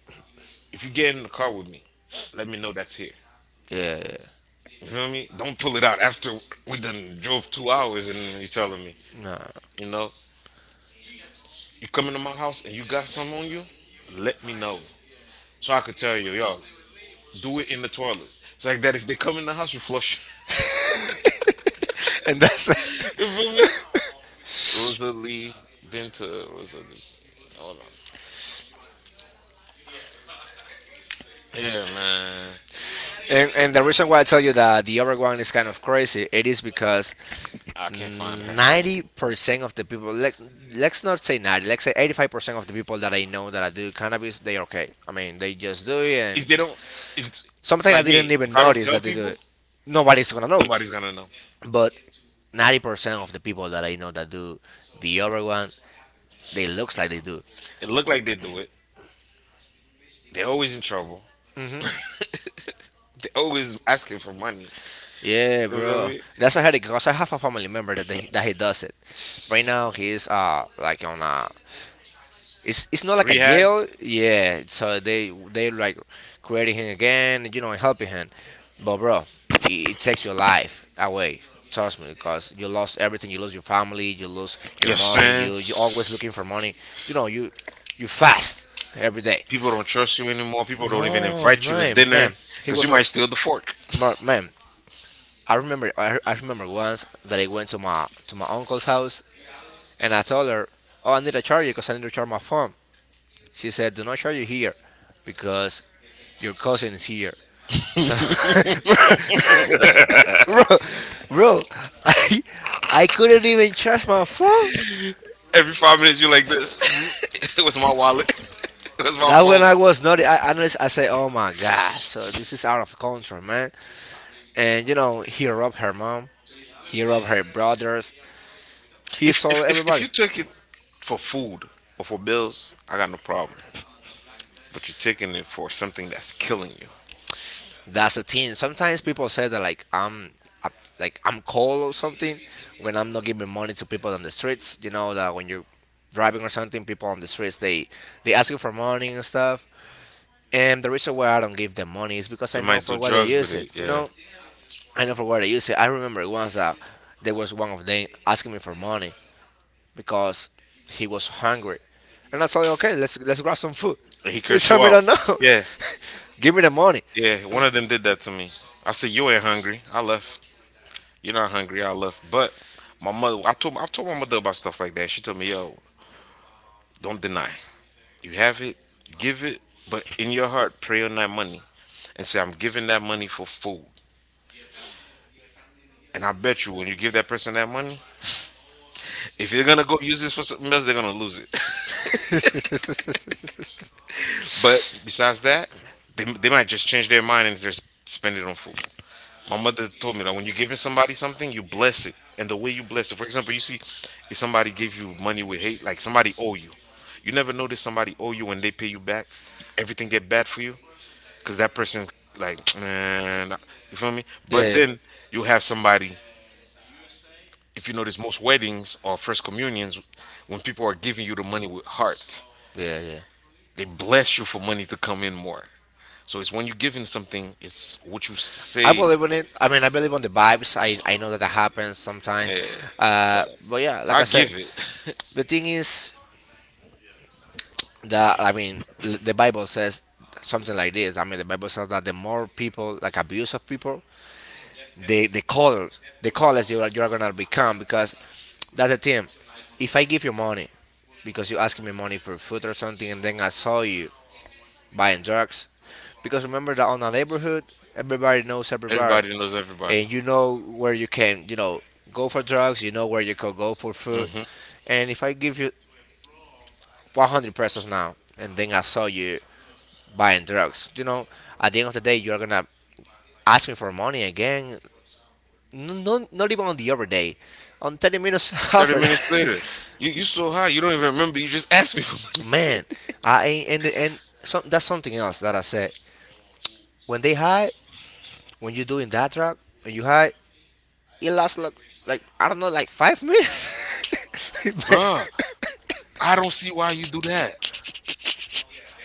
if you get in the car with me, let me know that's here.
Yeah, yeah,
You feel me? Don't pull it out after we done drove 2 hours and you telling me,
yeah. Nah. [laughs]
you know, you coming to my house and you got something on you, let me know. So I could tell you, yo, do it in the toilet. It's like that if they come in the house, you flush.
And that's it.
[laughs] You feel me? Rosalie, been to Rosalie. Hold on. Yeah, man.
And the reason why I tell you that the other one is kind of crazy, it is because
I can't find her.
90% of the people, let's not say 90, let's say 85% of the people that I know that I do cannabis, they are okay. I mean, they just do it,
If
and
they don't, if,
sometimes I
like
didn't
me, if
even
I don't
notice
tell
that they do
people,
it. Nobody's gonna know,
nobody's gonna know.
but 90% of the people that I know that do the other one, they looks like they do.
It looked like they do it. They're always in trouble. [laughs] they always asking for money.
Yeah,
You know what I
bro.
mean?
That's a headache because I have a family member that he does it. Right
It's
now he is like on a it's not like a rehab,
Rehab,
jail. Yeah, so they like creating him again, you know, and helping him. But bro, it, it takes your life away. Trust me, because you lost everything. You lose your family. You lose your
your
money. You always
sins.
looking for money. You know you you fast every day.
People don't trust you anymore. People don't even
No
invite you to
man,
dinner
man. He
because
was.
you
Ro-
might steal the fork.
Ma- man, I remember once that I went to my uncle's house, and I told her, "Oh, I need a charger because I need to charge my phone." She said, "Do not charge it here because your cousin is here." So, [laughs] bro, [laughs] bro, bro, I I couldn't even charge my phone.
Every 5 minutes, you're like this. [laughs] it was my wallet. [laughs] It was my
That when
phone.
I was not, I honestly, I say, oh my god, so this is out of control, man. And you know, he robbed her mom, he robbed her brothers, he
If,
saw
if, if, if
everybody.
you took it for food or for bills, I got no problem. But you're taking it for something that's killing you.
That's the thing. Sometimes people say that uh, like I'm cold or something when I'm not giving money to people on the streets. You know that when you're driving or something, people on the streets they ask you for money and stuff. And the reason why I don't give them money is because
You
I know
might do
for what they
drugs with
use
it.
it. You
Yeah.
know, I know for what they use it. I remember once that there was one of them asking me for money because he was hungry, and I told him, okay, let's grab some food. [laughs]
And he
He
cursed
told
you
me
out.
that no, [laughs]
Yeah.
give me the money.
Yeah, one of them did that to me. I said, "You ain't hungry." I left. You're not hungry. I left. But my mother, I told my mother about stuff like that. She told me, "Yo, don't deny. You have it, give it, but in your heart, pray on that money and say, I'm giving that money for food." And I bet you, when you give that person that money, if they're gonna go use this for something else, they're gonna lose it.
[laughs] Now, when
[laughs] but besides that, they might just change their mind and just spend it on food. My mother told me that when you're giving somebody something, you bless it. And the way you bless it, for example, you see, if somebody gives you money with hate, like somebody owe you, you never notice somebody owe you when they pay you back, everything get bad for you, cause that person like, [tsk] man, you feel me? But
yeah,
then you have somebody. If you notice, most weddings or first communions, when people are giving you the money with heart,
yeah, yeah, yeah.
they bless you for money to come in more. So it's when you're giving something, it's what you
I
say.
believe in it. I mean, I believe on the vibes. I know that that happens sometimes.
Yeah, so
But yeah, like
I
I said,
give it.
the thing is that, I mean, the Bible says something like this. I mean, the Bible says that the more people, like abuse of people, the the color the colors you are gonna become because that's the thing. If I give you money because you asking me money for food or something and then I saw you buying drugs, because remember that on a neighborhood everybody knows
[laughs]
everybody,
Everybody knows everybody.
and you know where you can, go for drugs, you know where you could go for food.
Hmm.
And if I give you 100 pesos now and then I saw you buying drugs, you know, at the end of the day you are gonna ask me for money again. No, not, not even on the other day, on 30 minutes [laughs]
Thirty
after
minutes
that.
later, you so high you don't even remember. You just asked me for
[laughs]
money.
Man, I and some, that's something else that I said. When they hide, when you're doing that track, when you hide, it lasts like I don't know, like 5 minutes. [laughs]
[laughs]
Man.
bruh. I don't see why you do that.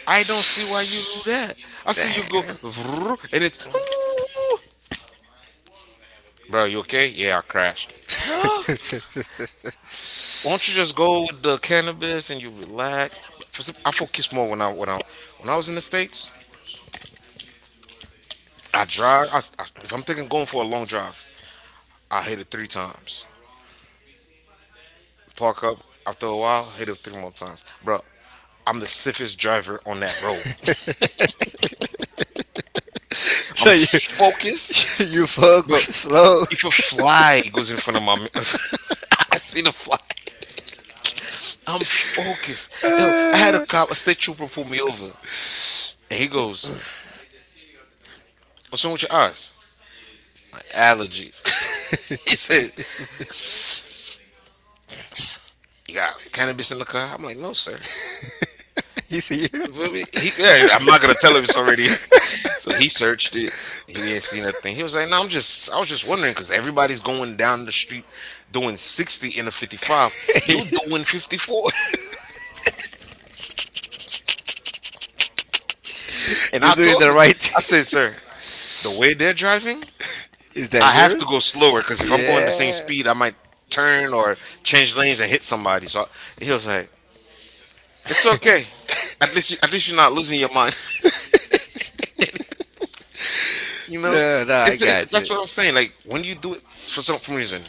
I don't see why you do that. I see you go, vroom, and bro, you okay? Yeah, I crashed. [gasps]
[laughs]
Won't you just go with the cannabis and you relax? For some, I focus more when I was in the states. I drive. If I'm thinking going for a long drive, I hit it three times. Park up. After a while, hit it three more times, bro. I'm the safest driver on that road.
so
I'm
you,
focused,
[laughs] you focus
but
slow.
if a fly goes in front of my, [laughs] I see the fly. I'm focused. Yo, I had a cop, a state trooper, pull me over, and he goes, "What's wrong with your eyes?" Allergies. [laughs] he said, "You got cannabis in the car?" I'm like, "No, sir."
[laughs] you see?
You feel me? Yeah, I'm not gonna tell him it's already. [laughs] So he searched it. He didn't see nothing. He was like, "No, I was just wondering because everybody's going down the street doing 60 in a 55. You doing
[laughs]
54?" [laughs] And
You're
I
doing
told
the
him,
right
I said,
thing.
"Sir,
[laughs]
the way they're driving,
It's
I have to go
dangerous.
slower because if I'm going the same
Yeah.
speed, I might turn or change lanes and hit somebody." So he was like, "It's okay. At least, at least you're not losing your mind." [laughs] You
[laughs]
know,
No, no, I got you.
that's what I'm saying. Like when you do it for reason,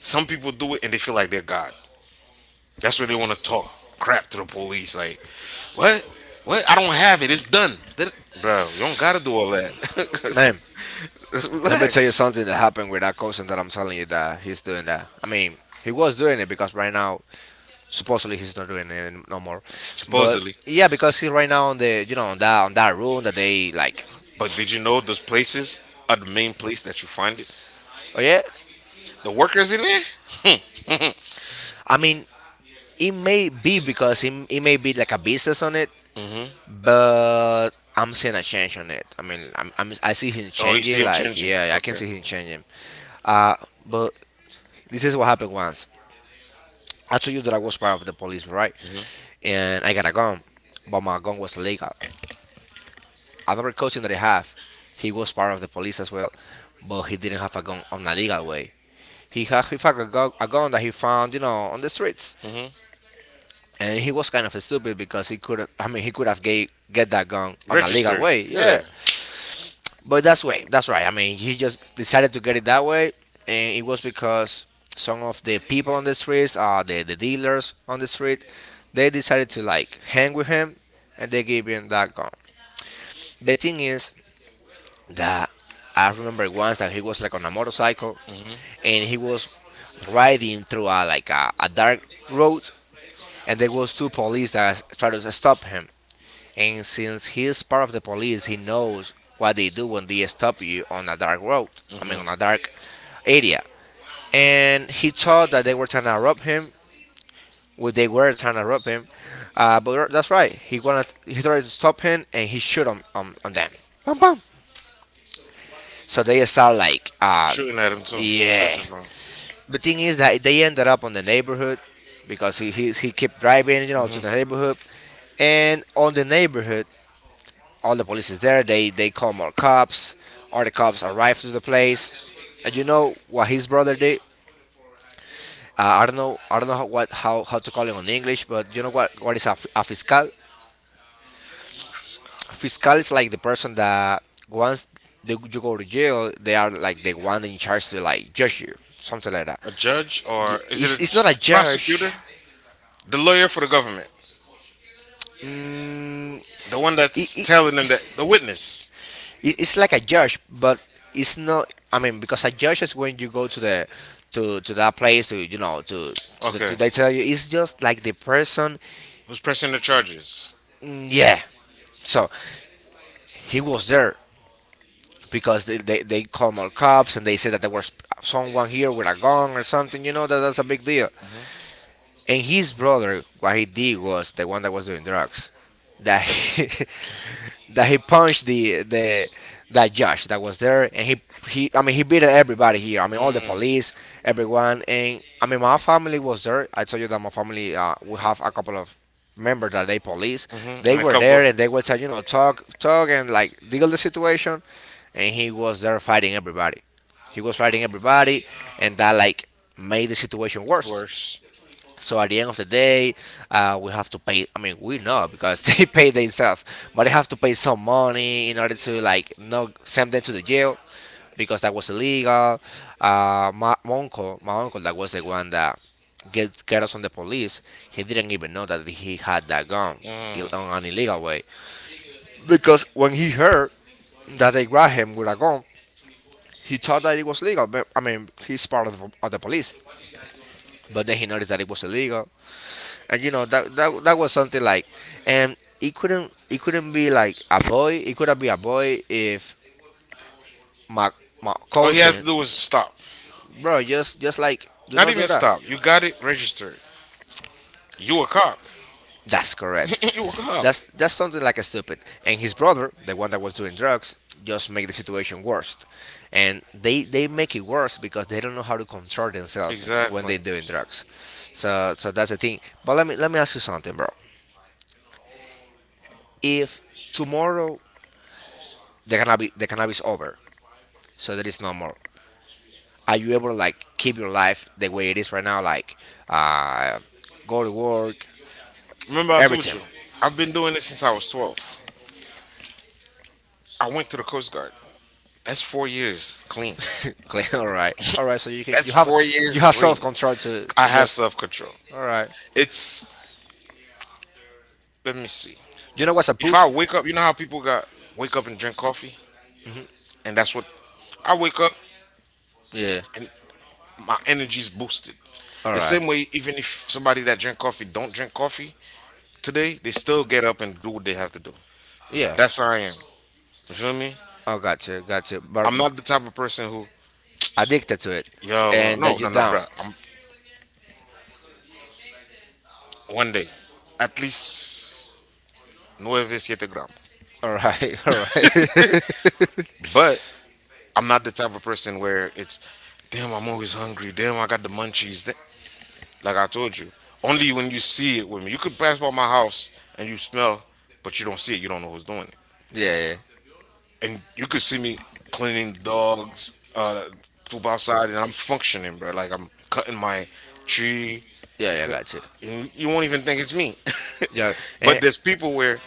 some people do it and they feel like they're God. That's where they want to talk crap to the police. Like, what? What? I don't have it. It's done. Bro, you don't gotta do all that.
Man,
[laughs] just
let me tell you
relax.
something that happened with that cousin that I'm telling you that he's doing that. I mean, he was doing it because right now, supposedly he's not doing it no more. But
Supposedly,
yeah, because he's right now on the, you know, on that, on that room that they like.
but did you know those places are the main place that you find it?
Oh yeah.
The workers in there.
I mean, it may be because it may be like a business on it, but I'm seeing a change on it. I mean, I see him
Oh, you see
changing.
them
Like
changing.
yeah, I can
Okay.
see him changing. Uh, but this is what happened once. I told you that I was part of the police, right?
Hmm.
And I got a gun, but my gun was illegal. Another cousin that I have, he was part of the police as well, but he didn't have a gun on a legal way. He had a gun that he found, you know, on the streets.
Hmm.
And he was kind of stupid because he could I mean he could have get that gun on a legal
Registered.
way, yeah,
Yeah.
but that's way that's right, I mean he just decided to get it that way. And it was because some of the people on the streets, the dealers on the street, they decided to like hang with him, and they gave him that gun. The thing is that I remember once that he was like on a motorcycle and he was riding through a like a dark road, and there was two police that tried to stop him. And since he is part of the police, he knows what they do when they stop you on a dark road. I mean, on a dark area. And he thought that they were trying to rob him. Well, they were trying to rob him. But that's right. He wanted. He tried to stop him, and he shoot on them. Bam, bam. So they start like,
Shooting at him too.
yeah.
Searching for him.
The thing is that they ended up on the neighborhood because he kept driving, you know, to the neighborhood. And on the neighborhood, all the police is there. They call more cops. All the cops arrive to the place. And you know what his brother did? I don't know. I don't know how to call it on English, but you know what is a fiscal? A fiscal is like the person that once they, you go to jail, they are like the one in charge to like judge you, something like that.
A judge, or is it
It's not
a
a judge.
prosecutor? The lawyer for the government.
Mm,
The one
It-
that's
it-
telling them that. The witness.
It's like a judge, but it's not. I mean, because a judge is when you go to the to that place to you know to
Okay.
they tell you it's just like the person.
Who's pressing the charges?
Mm, yeah. So he was there because they called more cops and they said that there was someone here with a gun or something. You know that that's a big deal. And his brother, what he did was the one that was doing drugs, that he, [laughs] that he punched the that Josh that was there, and he I mean he beat everybody here. I mean all the
Mm.
police, everyone, and I mean my family was there. I told you that my family, we have a couple of members that they police.
Hmm.
They
And a
were
couple
there and they were tell you know talk and like deal the situation, and he was there fighting everybody. He was fighting everybody, and that like made the situation worse.
worse.
So at the end of the day, we have to pay. I mean, we know because [laughs] they pay themselves, but they have to pay some money in order to like not send them to the jail because that was illegal. My uncle, that was the one that get us on the police. He didn't even know that he had that gun
Mm.
on an illegal way, because when he heard that they grabbed him with a gun, he thought that it was legal. But I mean, he's part of the police, but then he noticed that it was illegal. And you know that was something like, and it couldn't be like a boy. It couldn't be a boy if my my
All he had to
cousin,
do was stop.
bro, just like do
Not
not do
even
that.
stop. You got it registered. You a cop.
That's correct.
[laughs] You woke up.
That's something like a stupid. And his brother, the one that was doing drugs, just make the situation worse. And they make it worse because they don't know how to control themselves when
Exactly.
they're doing drugs. So that's the thing. But let me ask you something, bro. If tomorrow the cannabis over, so that is normal. Are you able to like keep your life the way it is right now, like uh, go to work,
Remember, I ever told
everything?
you, I've been doing this since I was 12. I went to the Coast Guard. That's 4 years clean. [laughs]
[laughs] Clean.
Like,
All right.
[laughs]
All right. So you can
that's have four you years
you
have
have
some
self
clean.
control
I
to
have
just.
self control.
All right.
It's, let me see.
You know what's a
If I
poof?
wake up, you know how people got wake up and drink coffee? And that's what I wake up
Yeah.
and my energy is boosted.
All
The
right.
same way, even if somebody that drink coffee don't drink coffee today, they still get up and do what they have to do.
Yeah.
That's how I am. You feel me?
Oh, got you, got you. But
I'm not the type of person who,
addicted to it,
yo,
and
no,
that you
no, no,
down.
bro. I'm one day, at least nueve siete gram.
All right, [laughs] all right. [laughs]
But I'm not the type of person where it's, damn, I'm always hungry. Damn, I got the munchies. Like I told you, only when you see it with me. You could pass by my house and you smell, but you don't see it. You don't know who's doing it.
Yeah, yeah,
And you could see me cleaning dogs, poop outside, and I'm functioning, bro. Like I'm cutting my tree,
yeah, yeah. I got you.
and you won't even think it's me. [laughs]
Yeah, and
but there's people where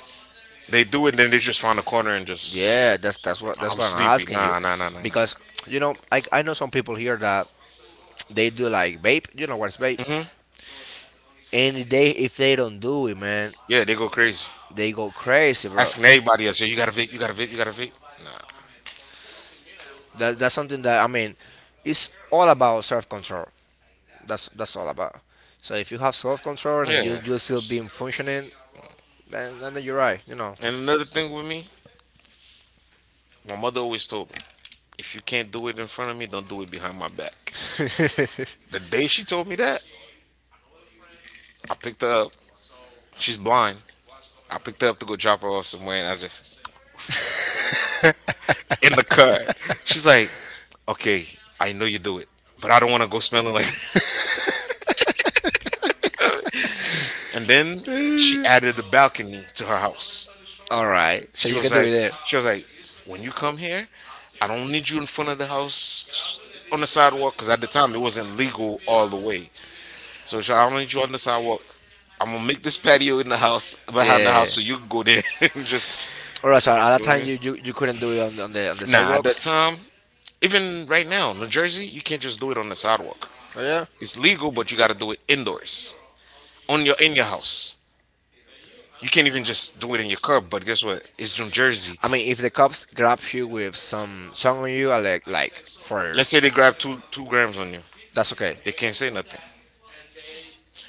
they do it, and then they just find a corner and just.
yeah, that's what that's
I'm
what I'm
sleepy.
asking you,
Nah, nah, nah, nah, nah, nah.
because you know I know some people here that they do like vape. You know what's vape?
Hmm.
And if they don't do it, man,
Yeah, they go crazy,
they go crazy, bro.
asking everybody else, "Yo, you got a vape? You got a vape? You got a vape?" Nah.
That's something that I mean, it's all about self control. That's all about. So if you have self control and you
Yeah.
you still being functioning, then you're right. You know.
And another thing with me, my mother always told me, if you can't do it in front of me, don't do it behind my back. The day she told me that, I picked her up. She's blind. I picked her up to go drop her off somewhere, and I just in the car. She's like, "Okay, I know you do it, but I don't want to go smelling like." That." [laughs] And then she added a balcony to her house.
All right, so
She
you
was
can do
like,
it there.
"She was like, when you come here, I don't need you in front of the house on the sidewalk because at the time it wasn't legal all the way. So she, I don't need you
So
on the sidewalk. I'm gonna make this patio in the house behind the
yeah.
house so you can go there [laughs] and just."
All right, so at that
You know what
time
I mean?
you, you, you couldn't do it on the
Nah, at that
sidewalks.
time, even right now, New Jersey, you can't just do it on the sidewalk.
Oh, yeah.
It's legal, but you got to do it indoors, on your in your house. You can't even just do it in your car. But guess what? It's New Jersey.
I mean, if the cops grab you with some song on you, I like for
Let's say they grab two grams on you,
that's okay.
they can't say nothing.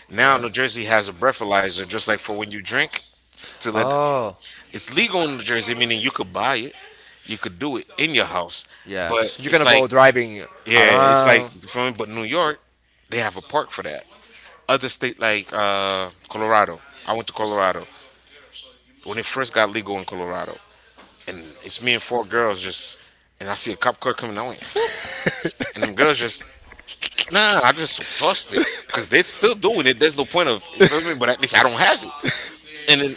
Now New Jersey has a breathalyzer, just like for when you drink. To let
Oh
it's legal in New Jersey, meaning you could buy it, you could do it in your house.
yeah,
But
so you're
it's
gonna
like,
go driving
yeah, it's like,
around.
you feel me? But New York, they have a park for that. Other state like Colorado. I went to Colorado when it first got legal in Colorado, and it's me and four girls just, and I see a cop car coming. I went, whoop, and them girls just, nah, I just tossed it because they're still doing it. There's no point of, you feel me? But at least I don't have it. And then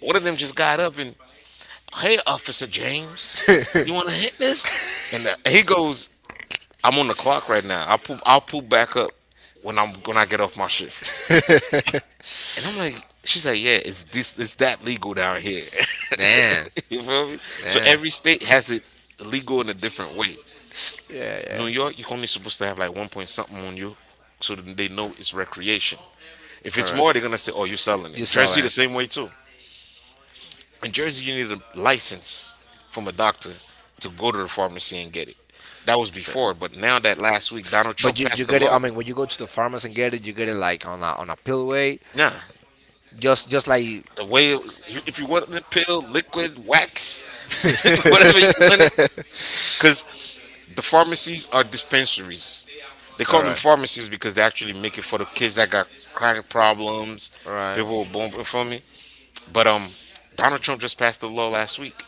one of them just got up and, hey, Officer James, you want to hit this? And he goes, I'm on the clock right now. I'll pull back up when I get off my shift. And I'm like, she's like, yeah, it's this, it's that legal down here.
Damn,
[laughs] You feel me? So
damn.
every state has it legal in a different way.
Yeah, yeah.
New York, you're only supposed to have like one point something on you, so that they know it's recreation. If
All
it's
right.
more, they're gonna say, oh, you're selling it.
You saw
Jersey, the
that.
same way too. In Jersey, you need a license from a doctor to go to the pharmacy and get it. That was before, but now that last week Donald
But
Trump
you
passed the
get it. I
law.
mean, when you go to the pharmacy and get it, you get it like on a pill way,
Nah,
just like All right.
the
All right.
way it was- if you want the pill, liquid, wax, [laughs] whatever you want it, because the pharmacies are dispensaries. They call them pharmacies because they actually make it for the kids that got chronic problems, people were born before me. But Donald Trump just passed a law last week.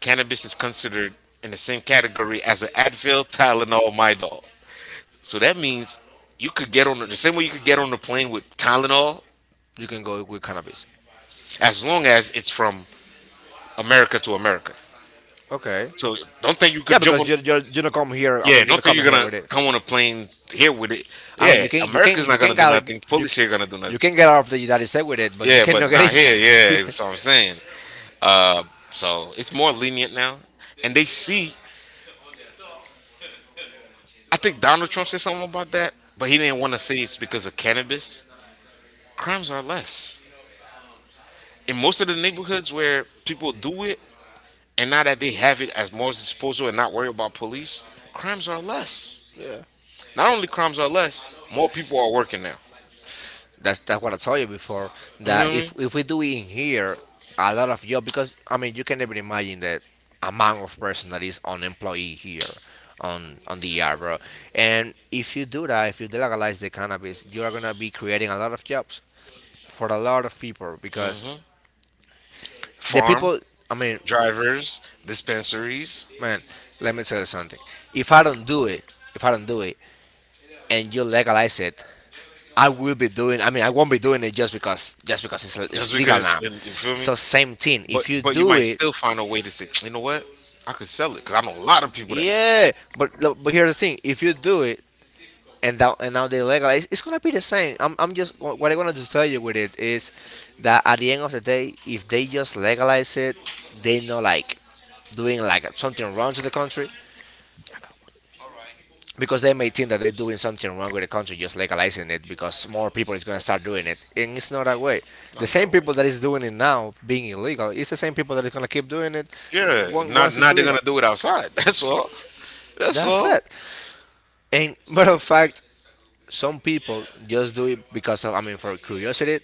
Cannabis is considered in the same category as an Advil, Tylenol, Midol. So that means you could get on the same way you could get on the plane with Tylenol,
You can go with cannabis.
as long as it's from America to America.
Okay.
So don't think you
Yeah,
could jump
because
on.
you don't come here. I
Yeah,
mean, you
don't
don't
think
come
you're
here
gonna
with it.
come on a plane here with it.
I mean,
Yeah,
you can
America's
you
not
can
gonna do nothing.
get you,
Police here gonna do
you
nothing.
can get out of the United States with it, but you
Yeah, but
cannot get
not here. Yeah,
into.
that's
[laughs]
what I'm saying. Uh, so it's more lenient now, and they see. I think Donald Trump said something about that, but he didn't want to say it's because of cannabis. Crimes are less in most of the neighborhoods where people do it, and now that they have it as more disposal and not worry about police, crimes are less.
Yeah,
Not only crimes are less, more people are working now.
that's what I told you before.
You know
That
what
if
I
if we do it in here, a lot of job because I mean you can never imagine the amount of person that is unemployed here on the ER, bro. And if you do that, if you delegalize the cannabis, you are gonna be creating a lot of jobs for a lot of people
mean?
because
Hmm.
the
Farm.
people, I mean,
Drivers, dispensaries,
man, let me tell you something. If I don't do it, if I don't do it, and you legalize it, I will be doing. I mean, I won't be doing it just because it's
just because
legal now.
it's, in, you feel me?
So same thing.
But
If you
but you
do
might
it,
still find a way to say, you know what? I could sell it because I know a lot of people that
yeah. But here's the thing. If you do it, and now they legalize. It's gonna be the same. I'm just what I wanted to tell you with it is that at the end of the day, if they just legalize it, they not like doing like something wrong to the country, because they may think that they're doing something wrong with the country just legalizing it because more people is gonna start doing it and it's not that way.
it's
The
not
same
that way.
people that is doing it now being illegal, it's the same people that is gonna keep doing it
Yeah, not
once it's
not they're
legal.
gonna do it outside. [laughs] That's all. That's
That's
all.
it. And [laughs] matter of fact, some people just do it because of I mean for curiosity,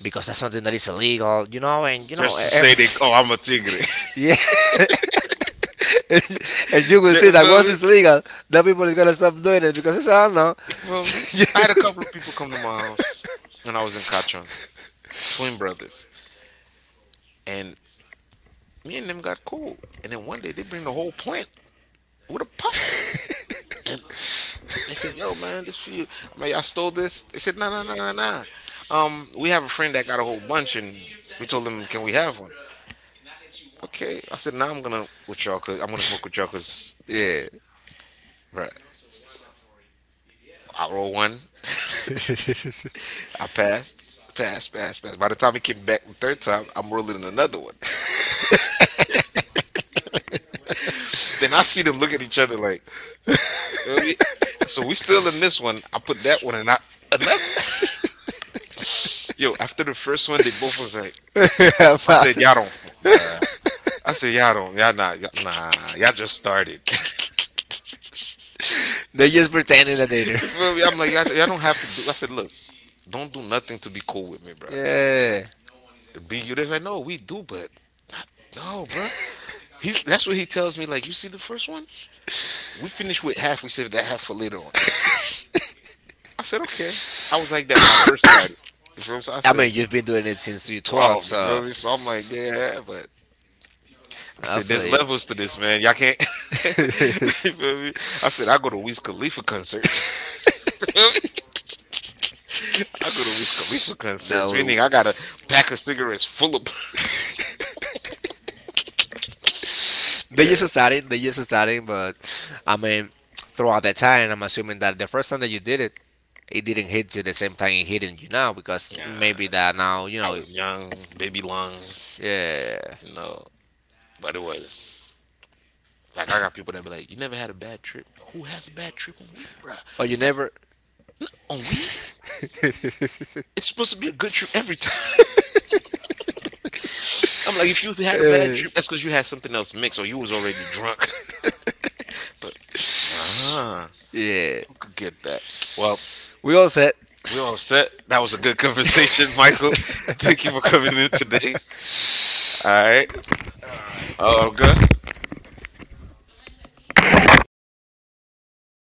because that's something that is illegal, you know, and you know,
Just to say they,
ev-
oh, I'm a tigre.
[laughs]
[laughs]
yeah. [laughs] And you will see
You
that
feel
once
me?
it's legal, the people is gonna stop doing it because it's I don't know.
You feel me?
[laughs]
I had a couple of people come to my house when I was in Cachon, twin brothers, and me and them got cool. And then one day they bring the whole plant with a pot. They said, "Yo, man, this for you." I mean, I stole this. They said, "No, no, no, no, no." We have a friend that got a whole bunch, and we told them, "Can we have one?" Okay. I said, "Now I'm gonna with y'all, cause I'm gonna smoke with y'all, cause
yeah.
bruh, I roll one, [laughs] I passed, passed, passed, passed. By the time he came back the third time, I'm rolling another one. Then I see them look at each other like, "Oh, yeah." So we still in this one. I put that one and I another. [laughs] Yo, after the first one, they both was like,
[laughs]
I said,
But
"Y'all don't." Fuck." I said, "Y'all don't. Y'all not. Y'all, nah. Y'all just started."
they're just pretending that they do.
You feel me? I'm like, y'all don't have to do. I said, look, don't do nothing to be cool with me,
[laughs]
bro.
yeah.
Be you. They are like, no, we do, but no, bro. He, that's what he tells me. Like, you see the first one? We finished with half. We saved that half for later on. I said, okay. I was like that when I first started. You feel me? So I
I
said,
mean, you've been doing it since you're 12,
12. You
so
feel me? So I'm like, yeah, but I
I
said,
feel
there's
you.
levels to this, man. Y'all can't. [laughs] You feel me? I said, I go to Wiz Khalifa concerts. [laughs] You feel me? I go to Wiz Khalifa
[laughs]
concerts,
No,
meaning I got a pack of cigarettes full of. [laughs]
they
Yeah.
just started. They just started, but I mean, throughout that time, I'm assuming that the first time that you did it, it didn't hit you the same time it hitting you now because
Yeah,
maybe that now you
I
know
was young, baby lungs,
yeah
you know. But it was like I got people that be like, "You never had a bad trip? Who has a bad trip on weed, bruh?
or you never
On weed? It's supposed to be a good trip every time." [laughs] I'm like, if you had a bad
uh,
trip, that's because you had something else mixed, or you was already drunk. [laughs] But nah,
yeah
who could get that? Well,
we all said.
we all set. That was a good conversation, Michael. [laughs] Thank you for coming in today.
[laughs] [laughs]
All right, Olga.